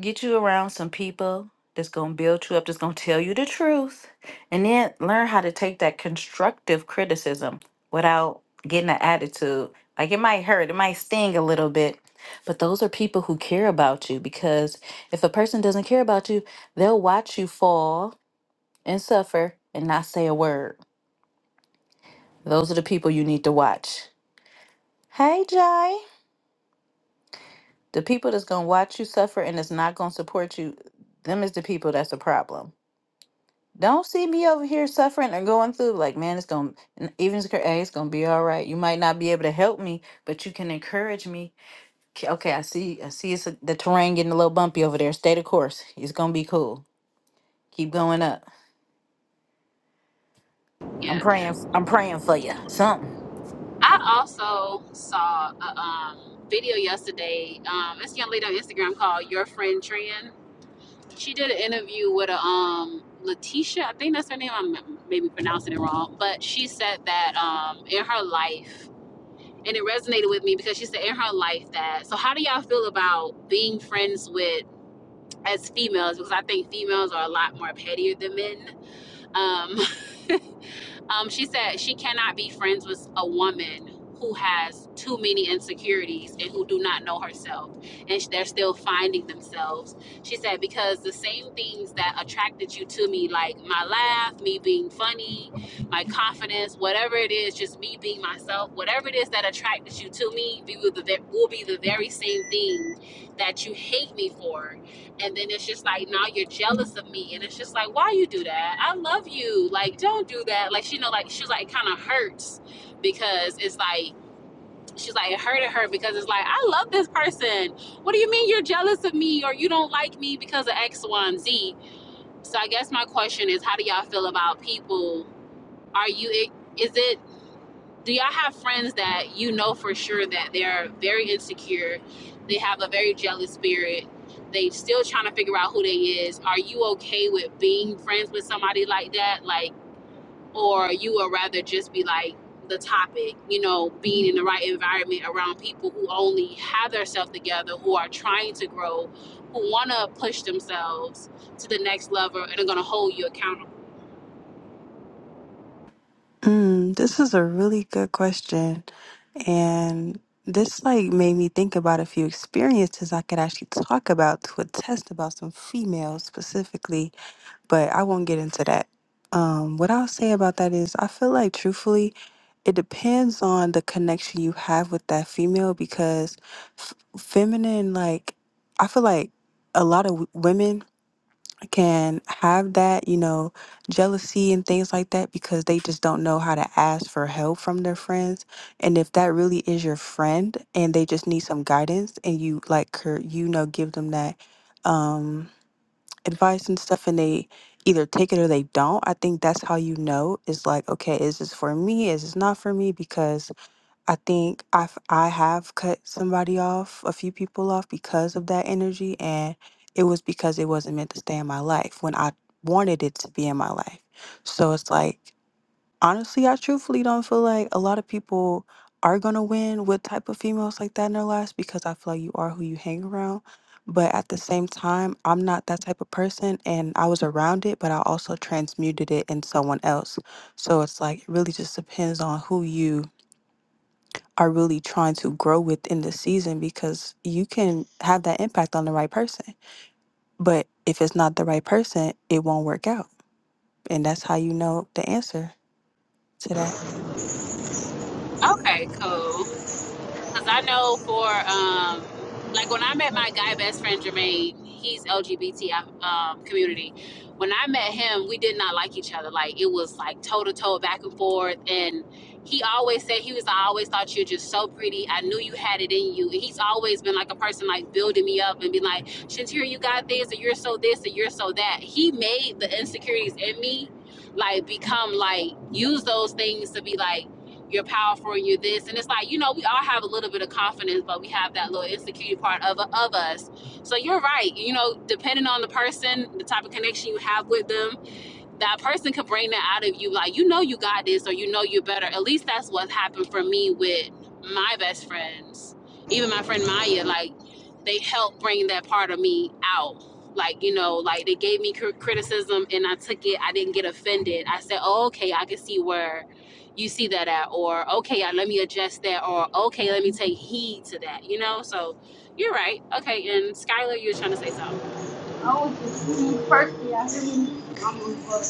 S1: Get you around some people that's going to build you up, that's going to tell you the truth, and then learn how to take that constructive criticism without getting an attitude. Like it might hurt, it might sting a little bit, but those are people who care about you because if a person doesn't care about you, they'll watch you fall and suffer and not say a word. Those are the people you need to watch. Hey, Jay. The people that's going to watch you suffer and that's not going to support you, them is the people that's a problem. Don't see me over here suffering or going through like, man, it's gonna n- even if it's cra- hey, it's gonna be all right. You might not be able to help me, but you can encourage me. K- Okay, I see, I see, it's a, the terrain getting a little bumpy over there. Stay the course. It's gonna be cool. Keep going up. I'm
S3: Yeah.
S1: praying. f- I'm praying for you. Something.
S3: I also saw a um, video yesterday. Um, this young lady on Instagram called Your Friend Tran. She did an interview with a um, Letitia, I think that's her name. I'm maybe pronouncing it wrong, but she said that um, in her life, and it resonated with me because she said in her life that so how do y'all feel about being friends with as females because i think females are a lot more pettier than men um um, she said she cannot be friends with a woman who has too many insecurities and who do not know herself, and they're still finding themselves. She said because the same things that attracted you to me, like my laugh, me being funny, my confidence, whatever it is, just me being myself, whatever it is that attracted you to me, will be the very same thing that you hate me for and then it's just like now you're jealous of me and it's just like why you do that i love you like don't do that like she know like she's like it kind of hurts because it's like she's like it hurted her because it's like i love this person what do you mean you're jealous of me or you don't like me because of x y and z so i guess my question is how do y'all feel about people are you is it do y'all have friends that you know for sure that they're very insecure they have a very jealous spirit they still trying to figure out who they is are you okay with being friends with somebody like that like or you would rather just be like the topic you know being in the right environment around people who only have their self together who are trying to grow who want to push themselves to the next level and are going to hold you accountable
S4: Mm, this is a really good question. And this like made me think about a few experiences I could actually talk about to attest about some females specifically, but I won't get into that. Um, what I'll say about that is I feel like truthfully, it depends on the connection you have with that female because f feminine, like I feel like a lot of w- women can have that, you know, jealousy and things like that because they just don't know how to ask for help from their friends. And if that really is your friend and they just need some guidance and you like cur- you know give them that um advice and stuff and they either take it or they don't, I think that's how you know it's like okay, is this for me? Is this not for me? Because I think I I have cut somebody off, a few people off because of that energy and it was because it wasn't meant to stay in my life when I wanted it to be in my life. So it's like honestly, I truthfully don't feel like a lot of people are going to win with type of females like that in their lives because I feel like you are who you hang around. But at the same time, I'm not that type of person and I was around it, but I also transmuted it in someone else. So it's like it really just depends on who you are really trying to grow with in this season because you can have that impact on the right person. But if it's not the right person, it won't work out. And that's how you know the answer to that.
S3: okay cool Because I know for um, like when I met my guy best friend Jermaine, he's LGBT um, um, community. When I met him, we did not like each other. Like it was like toe to toe, back and forth. And he always said he was. I always thought you're just so pretty. I knew you had it in you. And he's always been like a person like building me up and being like, Shantira, you got this, and you're so this, and you're so that. He made the insecurities in me like become like use those things to be like you're powerful, you're this. And it's like, you know, we all have a little bit of confidence, but we have that little insecurity part of, of us. So you're right. You know, depending on the person, the type of connection you have with them, that person could bring that out of you like you know you got this or you know you're better at least that's what happened for me with my best friends even my friend maya like they helped bring that part of me out like you know like they gave me criticism and i took it i didn't get offended i said oh, okay i can see where you see that at or okay let me adjust that or okay let me take heed to that you know so you're right okay and skylar you're trying to say something
S5: I was just personally. I really need someone for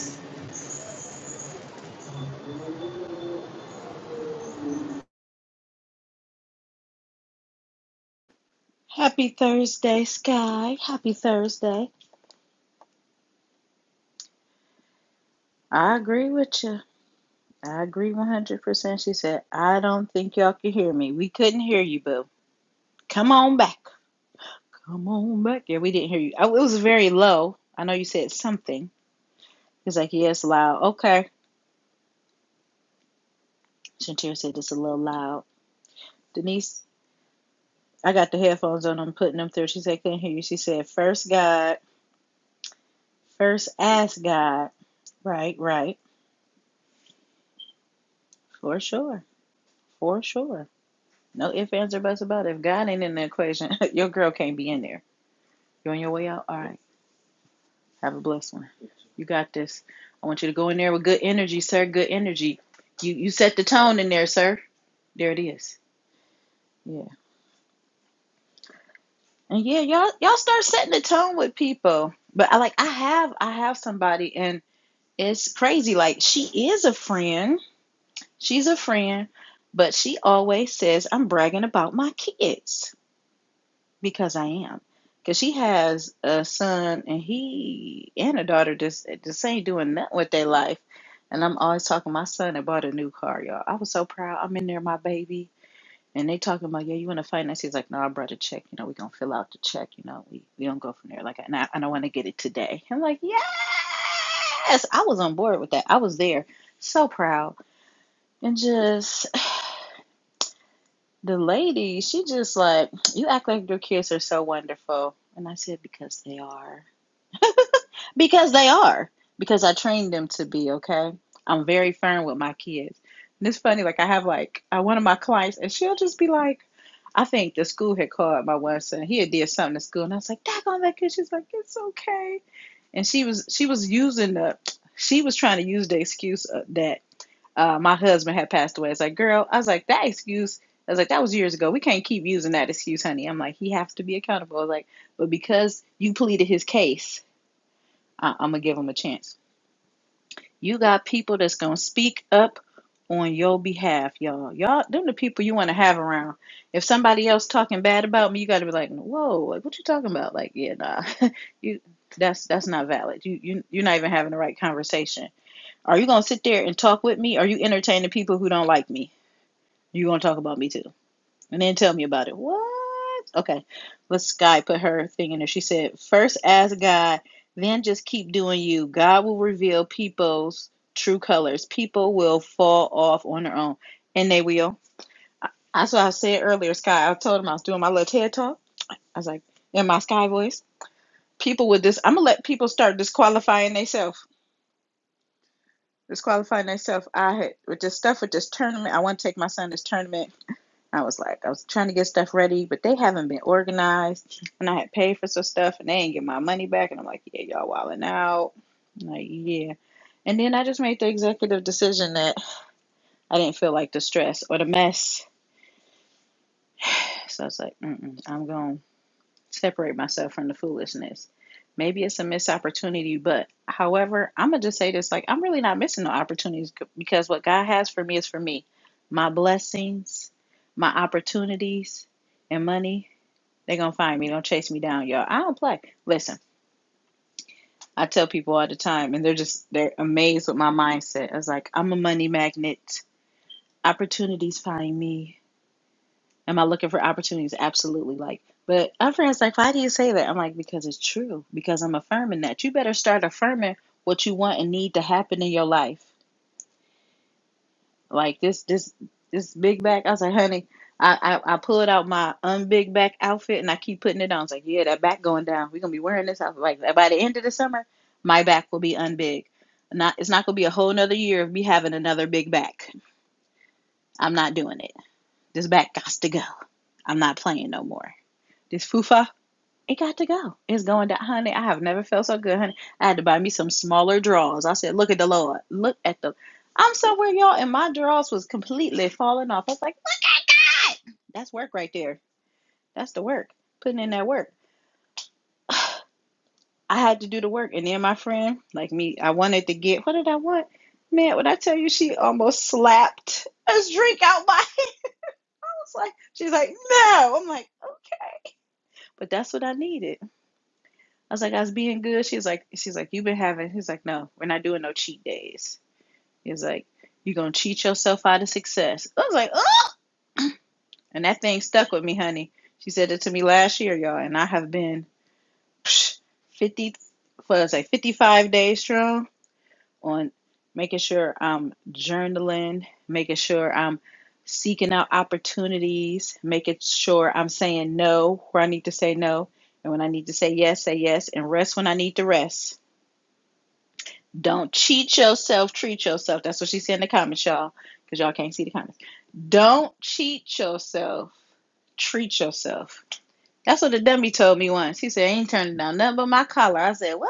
S1: Happy Thursday, Sky. Happy Thursday. I agree with you. I agree 100%. She said, I don't think y'all can hear me. We couldn't hear you, boo. Come on back. Come on back. Yeah, we didn't hear you. Oh, it was very low. I know you said something. He's like, yeah, it's loud. Okay. Shantira said it's a little loud. Denise, I got the headphones on. I'm putting them through. She said, couldn't hear you. She said, first God, first ask God. Right, right. For sure. For sure. No ifs, ands, or buts about it. If God ain't in the equation, <laughs> your girl can't be in there. You on your way out? All right. Have a blessed one. You got this. I want you to go in there with good energy, sir. Good energy. You you set the tone in there, sir. There it is. Yeah. And yeah, y'all y'all start setting the tone with people. But I like I have I have somebody and it's crazy. Like she is a friend. She's a friend, but she always says I'm bragging about my kids. because I am. Because she has a son and he and a daughter just just ain't doing nothing with their life. And I'm always talking. My son had bought a new car, y'all. I was so proud. I'm in there, my baby. And they talking about, yeah, you want to finance? He's like, no, I brought a check. You know, we gonna fill out the check. You know, we we don't go from there. Like, and I, and I want to get it today. I'm like, yes, I was on board with that. I was there, so proud, and just the lady, she just like, you act like your kids are so wonderful. And I said, because they are. Because they are. Because I trained them to be, okay? I'm very firm with my kids. And it's funny, like, I have like uh, one of my clients, and she'll just be like, I think the school had called my one son. He had did something to school, and I was like, "Dad, on that kid." She's like, "It's okay." And she was she was using the she was trying to use the excuse that uh, my husband had passed away. It's like, girl, I was like, that excuse. I was like, that was years ago. We can't keep using that excuse, honey. I'm like, he has to be accountable. I was like, but because you pleaded his case, I- I'm gonna give him a chance. You got people that's gonna speak up on your behalf, y'all. Y'all, them the people you want to have around. If somebody else talking bad about me, you got to be like, whoa, like, what you talking about? Like, yeah, nah, <laughs> you that's that's not valid. You you you're not even having the right conversation. Are you gonna sit there and talk with me? Are you entertaining people who don't like me? You're gonna talk about me too. And then tell me about it. What? Okay. Let's Sky put her thing in there. She said, first ask God, then just keep doing you. God will reveal people's true colors. People will fall off on their own. And they will. that's what I said earlier, Sky. I told him I was doing my little TED talk. I was like, in my Sky voice. People with this, I'm gonna let people start disqualifying themselves. Disqualifying themselves. I had with this stuff with this tournament. I want to take my son to this tournament I was like, I was trying to get stuff ready, but they haven't been organized, and I had paid for some stuff, and they ain't get my money back, and I'm like, yeah, y'all wilding out, I'm like yeah. And then I just made the executive decision that I didn't feel like the stress or the mess, so I was like, Mm-mm, I'm gonna separate myself from the foolishness. Maybe it's a missed opportunity, but however, I'm gonna just say this: like, I'm really not missing no opportunities because what God has for me is for me, my blessings, my opportunities, and money They're gonna find me. Don't chase me down, y'all. I don't play. Listen, I tell people all the time, and they're just they're amazed with my mindset. I was like, I'm a money magnet. Opportunities find me. Am I looking for opportunities? Absolutely. Like, but my friends like, why do you say that? I'm like, because it's true. Because I'm affirming that. You better start affirming what you want and need to happen in your life. like this this this big back. I was like, honey, I, I I pulled out my unbig back outfit and I keep putting it on. I was like, yeah, that back going down. We're gonna be wearing this outfit. Like by the end of the summer, my back will be unbig. Not it's not gonna be a whole nother year of me having another big back. I'm not doing it. This back got to go. I'm not playing no more. This fufa it got to go. It's going down, honey. I have never felt so good, honey. I had to buy me some smaller drawers. I said, "Look at the Lord. Look at the." I'm somewhere, y'all, and my drawers was completely falling off. I was like, "What? That's work right there. That's the work. Putting in that work. I had to do the work." And then my friend, like me, I wanted to get. What did I want? Man, when I tell you, she almost slapped a drink out my <laughs> hand. I was like, she's like, "No." I'm like, "Okay," but that's what I needed. I was like, I was being good. She's like, she's like, you've been having. He's like, no, we're not doing no cheat days. He was like, you're gonna cheat yourself out of success. I was like, oh, and that thing stuck with me, honey. She said it to me last year, y'all, and I have been fifty, what was I, fifty five days strong on making sure I'm journaling, making sure I'm seeking out opportunities, making sure I'm saying no where I need to say no, and when I need to say yes, say yes, and rest when I need to rest Don't cheat yourself, treat yourself. That's what she said in the comments, y'all, because y'all can't see the comments. Don't cheat yourself, treat yourself. That's what the dummy told me once. He said, I ain't turning down nothing but my collar. I said, What?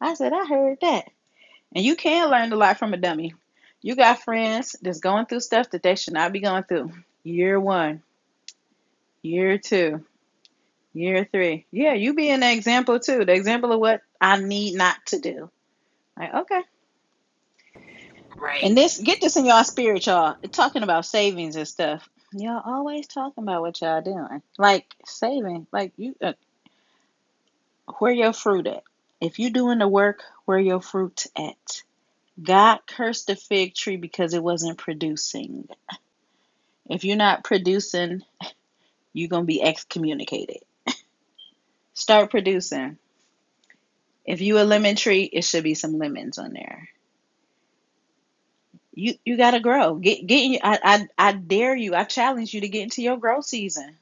S1: I said, I heard that. And you can learn a lot from a dummy. You got friends that's going through stuff that they should not be going through. Year one, year two, year three. Yeah, you be an example too. The example of what I need not to do. Like, okay.
S3: Right.
S1: And this, get this in y'all spirit, y'all. Talking about savings and stuff. Y'all always talking about what y'all doing. Like saving, like you, uh, where your fruit at? If you doing the work, where your fruit at? God cursed the fig tree because it wasn't producing. If you're not producing, you're gonna be excommunicated. Start producing. If you a lemon tree, it should be some lemons on there. You you gotta grow. Get get in, I, I I dare you. I challenge you to get into your growth season.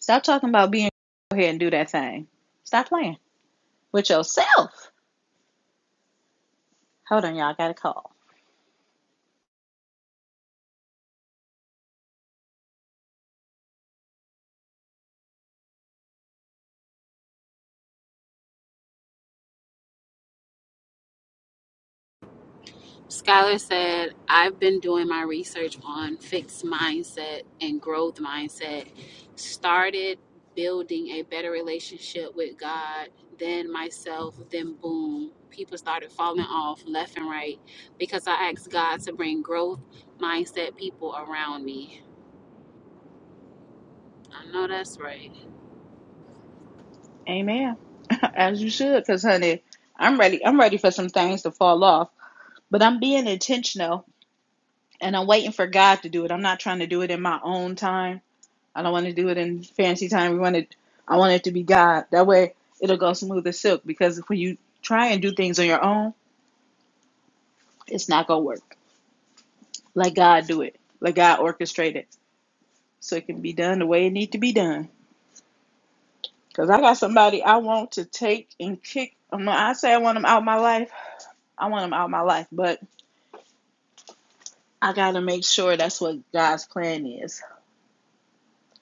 S1: Stop talking about being. Go ahead and do that thing. Stop playing with yourself. Hold on, y'all. I got a call.
S3: Skylar said, I've been doing my research on fixed mindset and growth mindset. Started building a better relationship with God, then myself, then boom. People started falling off left and right because I asked God to bring growth mindset people around me. I know that's right.
S1: Amen. <laughs> As you should, cause honey, I'm ready. I'm ready for some things to fall off, but I'm being intentional and I'm waiting for God to do it. I'm not trying to do it in my own time. I don't want to do it in fancy time. We want it. I want it to be God. That way, it'll go smooth as silk. Because when you try and do things on your own It's not gonna work. Let God do it. Let God orchestrate it so it can be done the way it need to be done. Cause I got somebody I want to take and kick. I'm not- I say I want them out of my life. I want them out of my life, but I gotta make sure that's what God's plan is.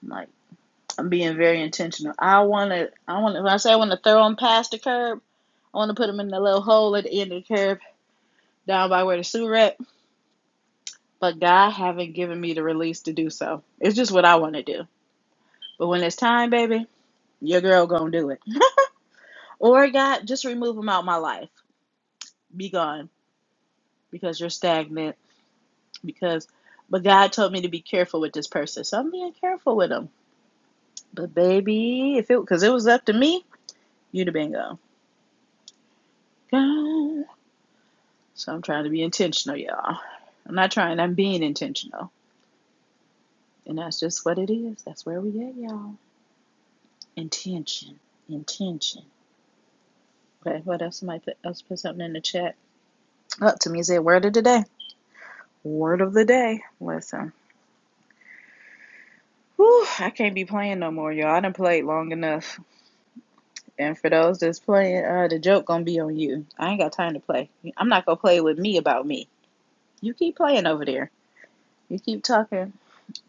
S1: I'm like I'm being very intentional. I wanna, I wanna. When I say I wanna throw them past the curb, I wanna put them in the little hole at the end of the curb down by where the sewer at. But God haven't given me the release to do so. It's just what I wanna do. But when it's time, baby, your girl gonna do it. Or God, just remove them out of my life. Be gone because you're stagnant. Because, but God told me to be careful with this person, so I'm being careful with them. But baby, if it because it was up to me, you'd have been gone. God. So I'm trying to be intentional, y'all. I'm not trying. I'm being intentional, and that's just what it is. That's where we at, y'all. Intention, intention. Okay, what else? Somebody put, else put something in the chat. Up to me said word of the day. Word of the day. Listen. Whew, I can't be playing no more, y'all. I done played long enough. And for those that's playing, uh, the joke gonna be on you. I ain't got time to play. I'm not gonna play with me about me. You keep playing over there. You keep talking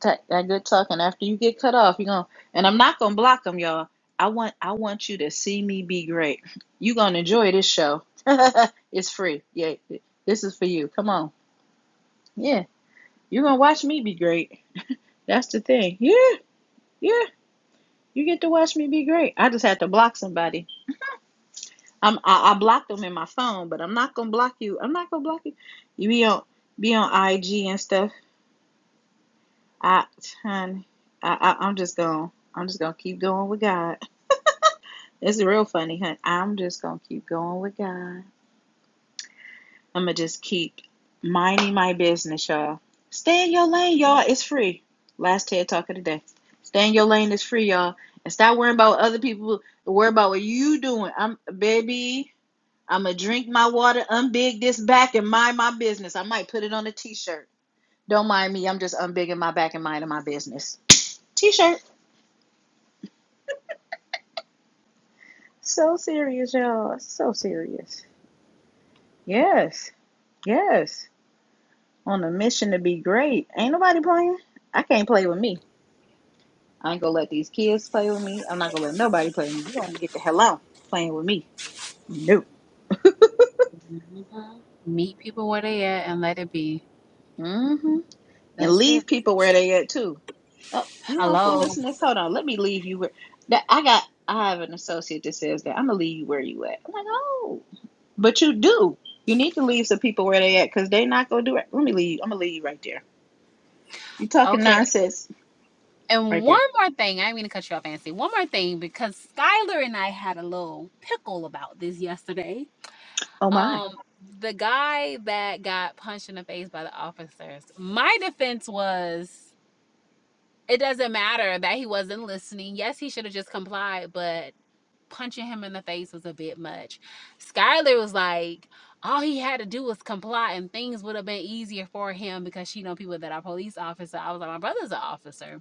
S1: ta- that good talking. After you get cut off, you gonna and I'm not gonna block them, y'all. I want I want you to see me be great. You gonna enjoy this show. <laughs> it's free. Yeah, this is for you. Come on. Yeah, you gonna watch me be great. That's the thing. Yeah, yeah. You get to watch me be great. I just had to block somebody I'm I, I blocked them in my phone, but I'm not gonna block you. I'm not gonna block you. You be on be on IG and stuff. I honey, I, I I'm just gonna I'm just gonna keep going with God. It's real funny, hun. I'm just gonna keep going with God. I'm gonna just keep minding my business, y'all. Stay in your lane, y'all. It's free. Last TED talk of the day. Stay in your lane. It's free, y'all. And stop worrying about what other people. Worry about what you doing. I'm baby. I'm gonna drink my water, unbig this back, and mind my business. I might put it on a t-shirt. Don't mind me. I'm just unbigging my back and minding my business. T-shirt. So serious, y'all. So serious. Yes, yes. On a mission to be great. Ain't nobody playing. I can't play with me. I ain't gonna let these kids play with me. I'm not gonna let nobody play with me. You gonna get the hell out playing with me? Nope.
S3: Mhm. Meet people where they at and let it be.
S1: Mm-hmm. and
S3: That's it.
S1: leave people where they at too. Oh, you want
S3: Hello.
S1: foolishness? Hold on, let me leave you where that I got. I have an associate that says that I'm gonna leave you where you at. I'm like, oh, but you do. You need to leave some people where they at because they not gonna do it. Let me leave. I'm gonna leave you right there. You talking nonsense
S3: And
S1: right
S3: one
S1: there.
S3: more thing, I didn't mean to cut you off, Ancy. One more thing, because Skylar and I had a little pickle about this yesterday.
S1: Oh my!
S3: Um, the guy that got punched in the face by the officers, my defense was it doesn't matter that he wasn't listening. Yes, he should have just complied, but punching him in the face was a bit much. Skylar was like, all he had to do was comply and things would have been easier for him because she know people that are police officers. I was like, my brother's an officer.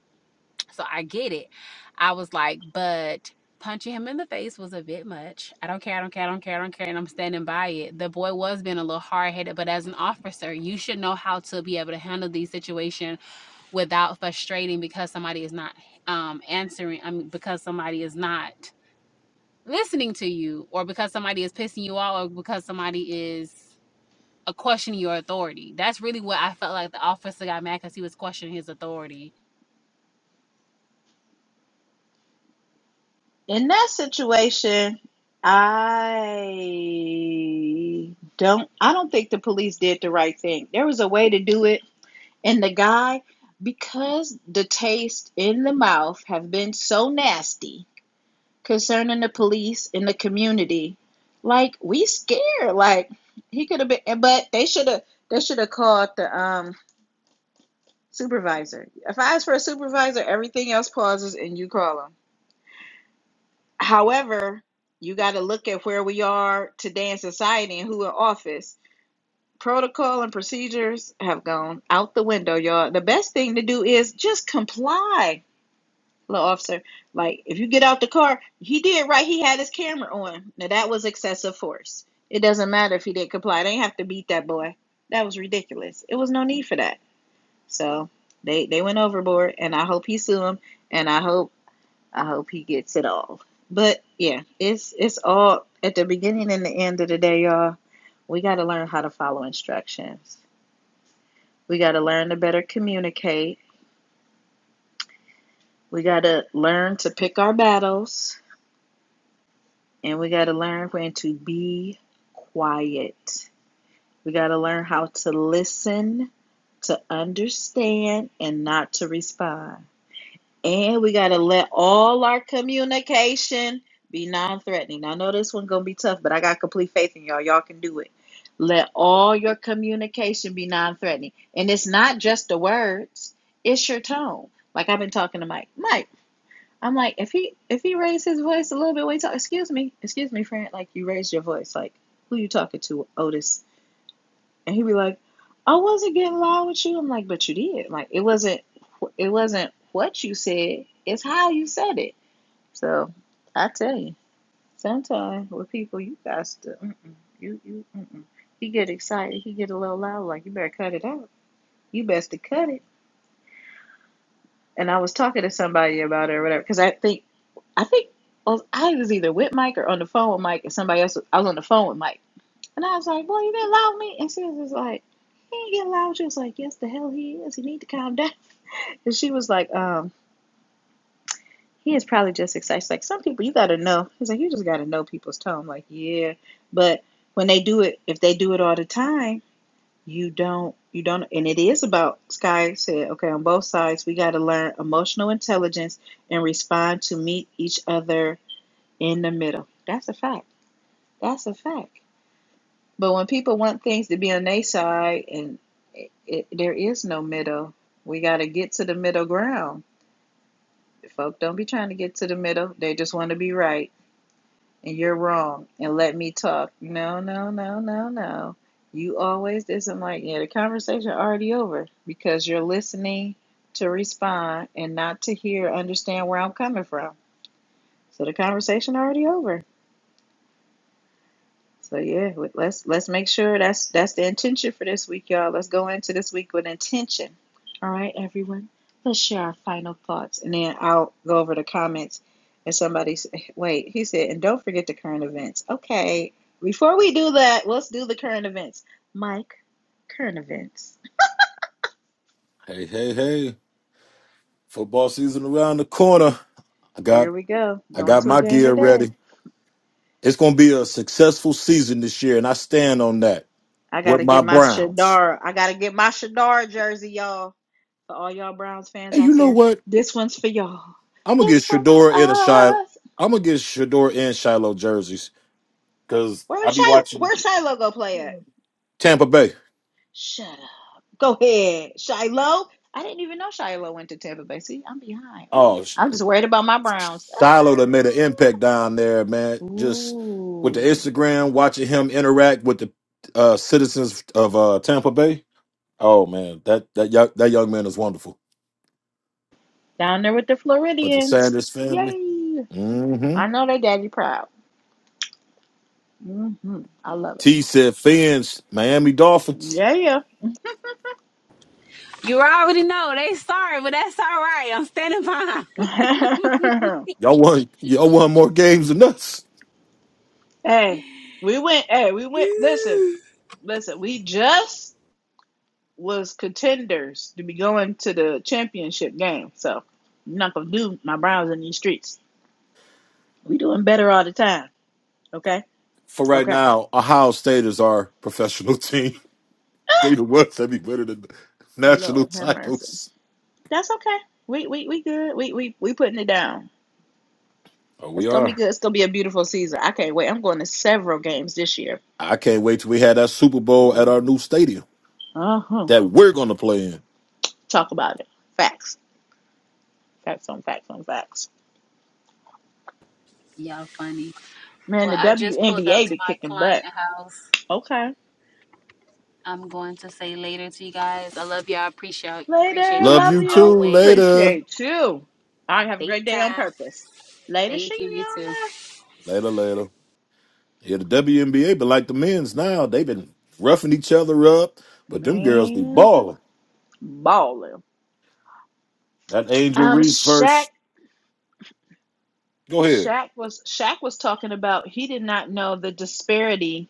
S3: So I get it. I was like, but punching him in the face was a bit much. I don't care. I don't care. I don't care. I don't care. And I'm standing by it. The boy was being a little hard headed, but as an officer, you should know how to be able to handle these situations without frustrating because somebody is not um, answering. I mean, because somebody is not listening to you, or because somebody is pissing you off, or because somebody is uh, questioning your authority. That's really what I felt like the officer got mad because he was questioning his authority
S1: In that situation, I don't. I don't think the police did the right thing. There was a way to do it And the guy, because the taste in the mouth have been so nasty concerning the police and the community, like we scared. Like he could have been, but they should have. They should have called the um supervisor. If I ask for a supervisor, everything else pauses and you call them. However, you got to look at where we are today in society and who in office. Protocol and procedures have gone out the window, y'all. The best thing to do is just comply little officer, like, if you get out the car, he did right. He had his camera on. Now that was excessive force. It doesn't matter if he didn't comply. They didn't have to beat that boy. That was ridiculous. It was no need for that. So they they went overboard, and I hope he sue him, and I hope I hope he gets it all. But yeah, it's it's all at the beginning and the end of the day, y'all. We got to learn how to follow instructions. We got to learn to better communicate. We got to learn to pick our battles And we got to learn when to be quiet. We got to learn how to listen, to understand, and not to respond. And we got to let all our communication be non threatening. Now, I know this one's going to be tough, but I got complete faith in y'all. Y'all can do it. Let all your communication be non threatening. And it's not just the words, it's your tone. Like I've been talking to Mike. Mike. I'm like, if he if he raised his voice a little bit, wait. talk, excuse me, excuse me, friend, like you raised your voice, like who you talking to, Otis? And he'd be like, I wasn't getting loud with you. I'm like, but you did. Like it wasn't it wasn't what you said, it's how you said it. So I tell you, sometimes with people, you guys, to- you you, mm-mm. he get excited, he get a little loud, like you better cut it out. You best to cut it. and I was talking to somebody about it or whatever because I think I think well, I was either with Mike or on the phone with Mike and somebody else. was- I was on the phone with Mike and I was like, "Boy, you didn't allow me." And she was just like, "He ain't getting loud." She was like, "Yes, the hell he is. He need to calm down." <laughs> And she was like, "Um." He is probably just excited. She's like some people, you gotta know. He's like, you just gotta know people's tone. I'm like, yeah, but when they do it, if they do it all the time, you don't you don't and it is about sky said okay on both sides we got to learn emotional intelligence and respond to meet each other in the middle that's a fact that's a fact but when people want things to be on their side and it, it, there is no middle we got to get to the middle ground folk don't be trying to get to the middle they just want to be right and you're wrong and let me talk. No, no, no, no, no. You always isn't like yeah, the conversation already over because you're listening to respond and not to hear understand where I'm coming from. So the conversation already over. So yeah, let's let's make sure that's that's the intention for this week, y'all. Let's go into this week with intention. All right, everyone. Let's share our final thoughts, and then I'll go over the comments. And somebody, s- <laughs> wait, he said, and don't forget the current events. Okay, before we do that, let's do the current events. Mike, current events.
S2: Hey, hey, hey. Football season around the corner. I got
S1: Here we go.
S2: I
S1: Going
S2: got
S1: to a
S2: my
S1: game
S2: gear
S1: today.
S2: ready. It's gonna be a successful season this year, and I stand on that
S1: I
S2: with
S1: gotta
S2: my
S1: get my
S2: Browns.
S1: Shadar. I gotta get my Shadar jersey, y'all. For all y'all Browns fans
S2: And you
S1: out
S2: know
S1: there,
S2: what?
S1: this one's for y'all.
S2: I'm gonna get
S1: This one's for
S2: Shador and a Shiloh.
S1: us.
S2: I'm gonna get Shador and Shiloh jerseys because I
S1: Where's
S2: be
S1: Shiloh?
S2: watching
S1: Where's Shiloh go play at?
S2: Tampa Bay.
S1: Shut up. Go ahead, Shiloh. I didn't even know Shiloh went to Tampa Bay. See, I'm behind. Oh,
S2: Oh,
S1: I'm just worried about my Browns. Ah.
S2: Shiloh that made an impact down there, man. Just with the
S1: Ooh,
S2: Instagram, watching him interact with the uh, citizens of uh, Tampa Bay. Oh man, that that young, that young man is wonderful.
S1: down there with the
S2: But the
S1: Floridians.
S2: Sanders family.
S1: Yay!
S2: hmm
S1: I know they daddy proud. mm hmm I love it.
S2: T said, "Fans, Miami Dolphins.
S1: Yeah,
S3: You already know they sorry, but that's all right. I'm standing by.
S1: yeah.
S2: Y'all won. Y'all won more games than us."
S1: <laughs> hey, we went. Hey, we went. Listen.
S3: <laughs>
S1: Listen, we just was contenders to be going to the championship game. So I'm not gonna do my Browns in these streets. We doing better all the time. Okay?
S2: For right
S1: Okay. <gasps>
S2: now, Ohio State is our professional team. <laughs> They
S1: Ah,
S2: the ones that be winning the national
S1: Lord have mercy.
S2: titles.
S1: That's okay. We we we good. We we we putting it down.
S2: Oh,
S1: It's
S2: we
S1: gonna be
S2: are.
S1: good. It's gonna be a beautiful season. I can't wait. I'm going to several games this year.
S2: I can't wait till we had that Super Bowl at
S1: Ooh.
S2: our new stadium.
S1: Uh-huh.
S2: that we're gonna play in.
S1: Talk about it. Facts. Facts on facts on facts.
S3: Y'all funny.
S1: Man,
S3: Well,
S1: the
S3: I just pulled up
S1: WNBA
S3: to
S1: be
S3: my
S1: kicking
S3: client
S1: butt.
S3: house.
S1: Okay.
S3: I'm going to say later to you guys. I love y'all. Appreciate
S1: Later.
S3: appreciate
S2: Love
S3: y'all as
S1: Love
S2: you too.
S1: you.
S3: always.
S2: Later.
S1: Appreciate you. All right. Have a great day on
S3: Daytime.
S1: purpose. Later,
S3: Thank you. You
S1: Sheena.
S3: too.
S2: Later, later. Here the WNBA, but like the men's now, they've been roughing each other up, but them girls be
S1: Man,
S2: balling.
S1: balling.
S2: That Angel
S1: Um,
S2: Reese
S1: Shaq.
S2: verse. Go ahead.
S1: Shaq was Shaq was talking about he did not know the disparity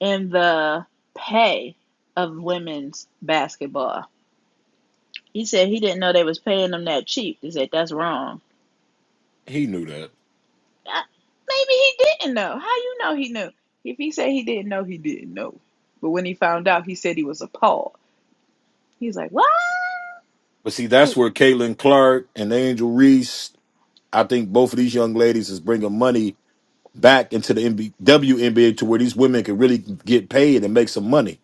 S1: in the pay of women's basketball. He said he didn't know they was paying them that cheap. He said that's wrong.
S2: He knew that.
S1: Uh, Maybe he didn't know. How you know he knew? If he said he didn't know, he didn't know. But when he found out, he said he was appalled. He's like, what?
S2: But see, that's where Caitlin Clark and Angel Reese, I think both of these young ladies is bringing money back into the NB- WNBA to where these women can really get paid and make some money.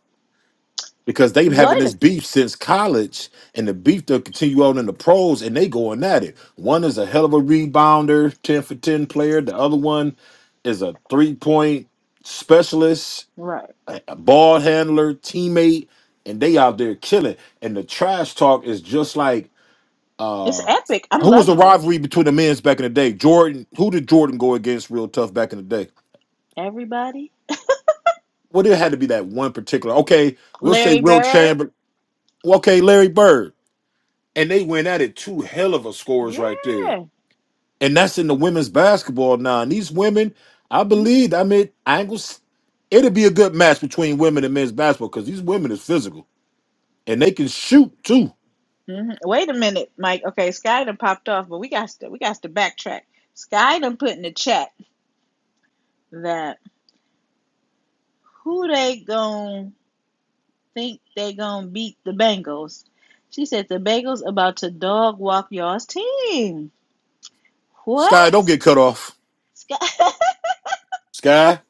S2: because they've having
S1: What?
S2: this beef since college, and the beef they'll continue on in the pros, and they going at it. One is a hell of a rebounder, ten for ten player. The other one is a three point specialist,
S1: Right.
S2: a a ball handler, teammate, and they out there killing. And the trash talk is just like
S1: It's
S2: uh,
S1: epic. I'm
S2: who was the
S1: loving it.
S2: rivalry between the men's back in the day? Jordan. Who did Jordan go against real tough back in the day?
S1: Everybody.
S2: Well, there had to be that one particular. Okay, we'll say
S1: Larry
S2: Will
S1: Bird.
S2: Chamber. Okay, Larry Bird. and they went at it two hell of a scores right there.
S1: Yeah.
S2: And that's in the women's basketball now. And these women, I
S1: hmm
S2: believe, I mean, I ain't going angles. It'll be a good match between women and men's basketball because these women is physical and they can shoot too.
S1: Wait a minute, Mike. Okay, Sky done popped off, but we got to we got to backtrack. Sky done put in the chat that who they gon' think they gon' beat the Bengals. She said the Bengals about to dog walk y'all's team.
S2: Sky, don't
S1: What?
S2: get cut off.
S1: Sky <laughs>
S2: Sky,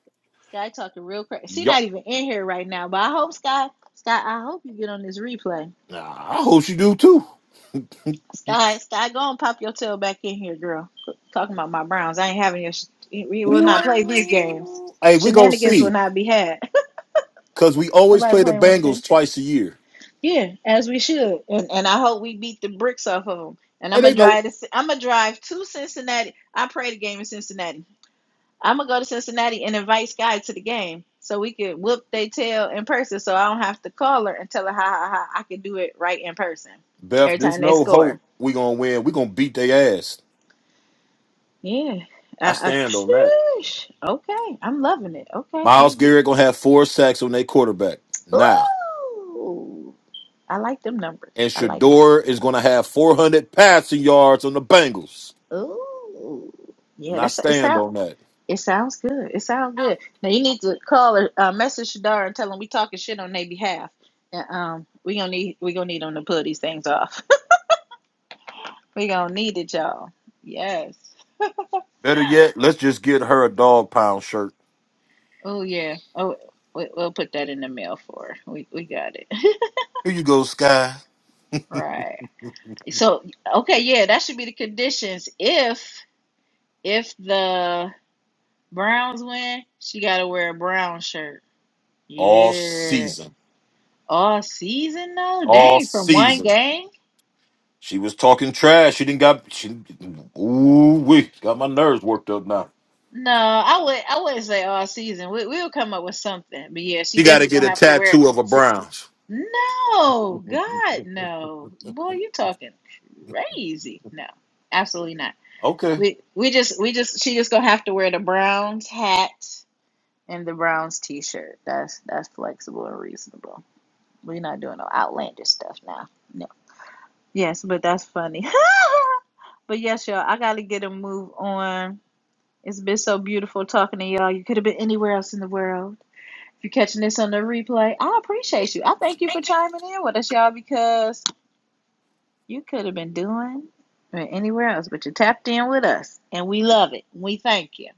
S1: Sky talking real crazy. She not
S2: yup.
S1: even in here right now, but I hope Sky, Sky, I hope you get on this replay.
S2: Nah, I hope you do too.
S1: Sky, Sky, go and pop your tail back in here, girl. Talking about my Browns, I ain't having your. Sh- we will not play these games.
S2: Ooh. Hey, we gonna
S1: Shenanigans will
S2: see
S1: not be had.
S2: because we
S1: <laughs>
S2: always
S1: Nobody
S2: play the
S1: playing with you.
S2: Bengals twice a year.
S1: Yeah, as we should, and and I hope we beat the bricks off of them. And
S2: Hey,
S1: I'm
S2: they
S1: gonna
S2: know
S1: drive. To, I'm gonna drive to Cincinnati. I pray the game in Cincinnati. I'm gonna go to Cincinnati and invite Sky to the game so we could whoop they tail in person. So I don't have to call her and tell her ha ha ha. I can do it right in person
S2: Beth.
S1: every time
S2: There's
S1: they
S2: no
S1: score.
S2: hope we gonna win. We gonna beat their ass.
S1: Yeah.
S2: I
S1: I, I,
S2: stand on that.
S1: sheesh. Okay, I'm loving it. Okay, he,
S2: Miles
S1: he.
S2: Garrett gonna have four sacks on their quarterback now,
S1: Ooh, I like them numbers.
S2: and
S1: I like that.
S2: Shador is gonna have 400 passing yards on the Bengals.
S1: Ooh, yeah.
S2: And I
S1: That's it.
S2: stand
S1: Sound
S2: on that.
S1: it sounds good. It sounds good. Now you need to call or uh, message Shadar and tell him we talking shit on their behalf. And, um, we gonna need we gonna need them to pull these things off. We gonna need it, y'all. Yes.
S2: Better yet, let's just get her a dog pound shirt.
S1: Oh yeah. Oh, we, we'll put that in the mail for her. We we got it. <laughs>
S2: Here you go, Sky.
S1: Right. So okay, yeah, that should be the conditions. If if the Browns win, she gotta wear a brown shirt.
S2: All
S1: Yeah.
S2: season,
S1: All season though?
S2: all
S1: Dang, from one
S2: season.
S1: game?
S2: She was talking trash. She didn't got she. Ooh wee, got my nerves worked up now.
S1: No, I would I wouldn't say all season. We we'll come up with something. But yeah, she
S2: She got to
S1: definitely
S2: get
S1: gonna
S2: a
S1: have to wear it.
S2: tattoo of a Browns.
S1: No, God,
S2: <laughs>
S1: no. Boy, you talking crazy. No, absolutely not.
S2: okay,
S1: We we just we just she just gonna have to wear the Browns hat and the Browns t-shirt. That's that's flexible and reasonable. We're not doing no outlandish stuff now. No. Yes, but that's funny. <laughs> but yes, y'all, I gotta get a move on. It's been so beautiful talking to y'all. You could have been anywhere else in the world. If you're catching this on the replay, I appreciate you. I thank you for chiming in with us, y'all, because You could have been doing or anywhere else, but you tapped in with us, and we love it. We thank you.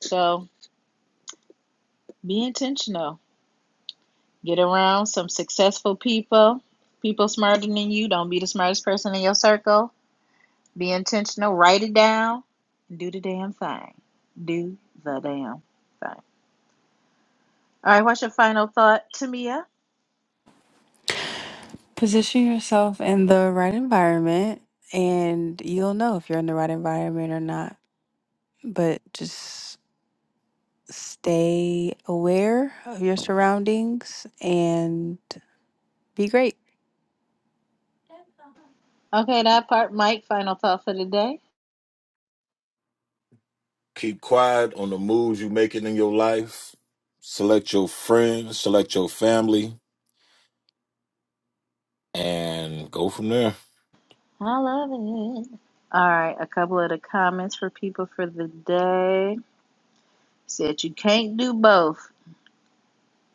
S1: So be intentional. Get around some successful people, people smarter than you. Don't be the smartest person in your circle. Be intentional. Write it down. Do the damn thing. Do the damn thing. All right, what's your final thought, Tamia?
S4: Position yourself in the right environment and you'll know if you're in the right environment or not. But just stay aware of your surroundings and be great.
S1: Okay, that part, Mike. Final thought for the day.
S2: Keep quiet on the moves you're making in your life. Select your friends, select your family, and go from there.
S1: I love it. All right, a couple of the comments for people for the day. Said you can't do both.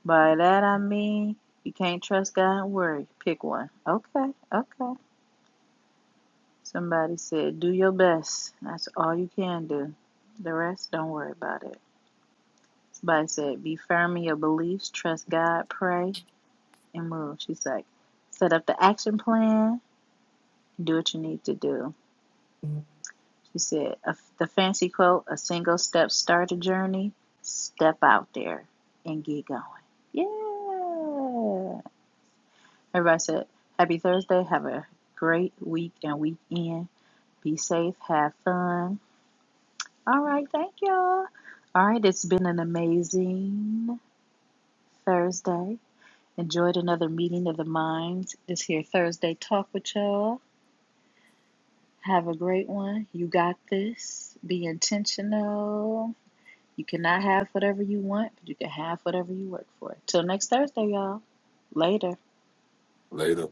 S1: By that I mean you can't trust God and worry. Pick one. Okay, okay. Somebody said do your best. That's all you can do. The rest, don't worry about it. Somebody said be firm in your beliefs, trust God, pray, and move. She's like, set up the action plan, do what you need to do. She said, a, the fancy quote, a single step start a journey, step out there and get going. Yeah. Everybody said, Happy Thursday. Have a great week and weekend. Be safe. Have fun. All right. Thank y'all. All right. It's been an amazing Thursday. Enjoyed another meeting of the minds. This here Thursday talk with y'all. Have a great one. You got this. Be intentional. You cannot have whatever you want, but you can have whatever you work for. Till next Thursday, y'all. Later.
S2: Later.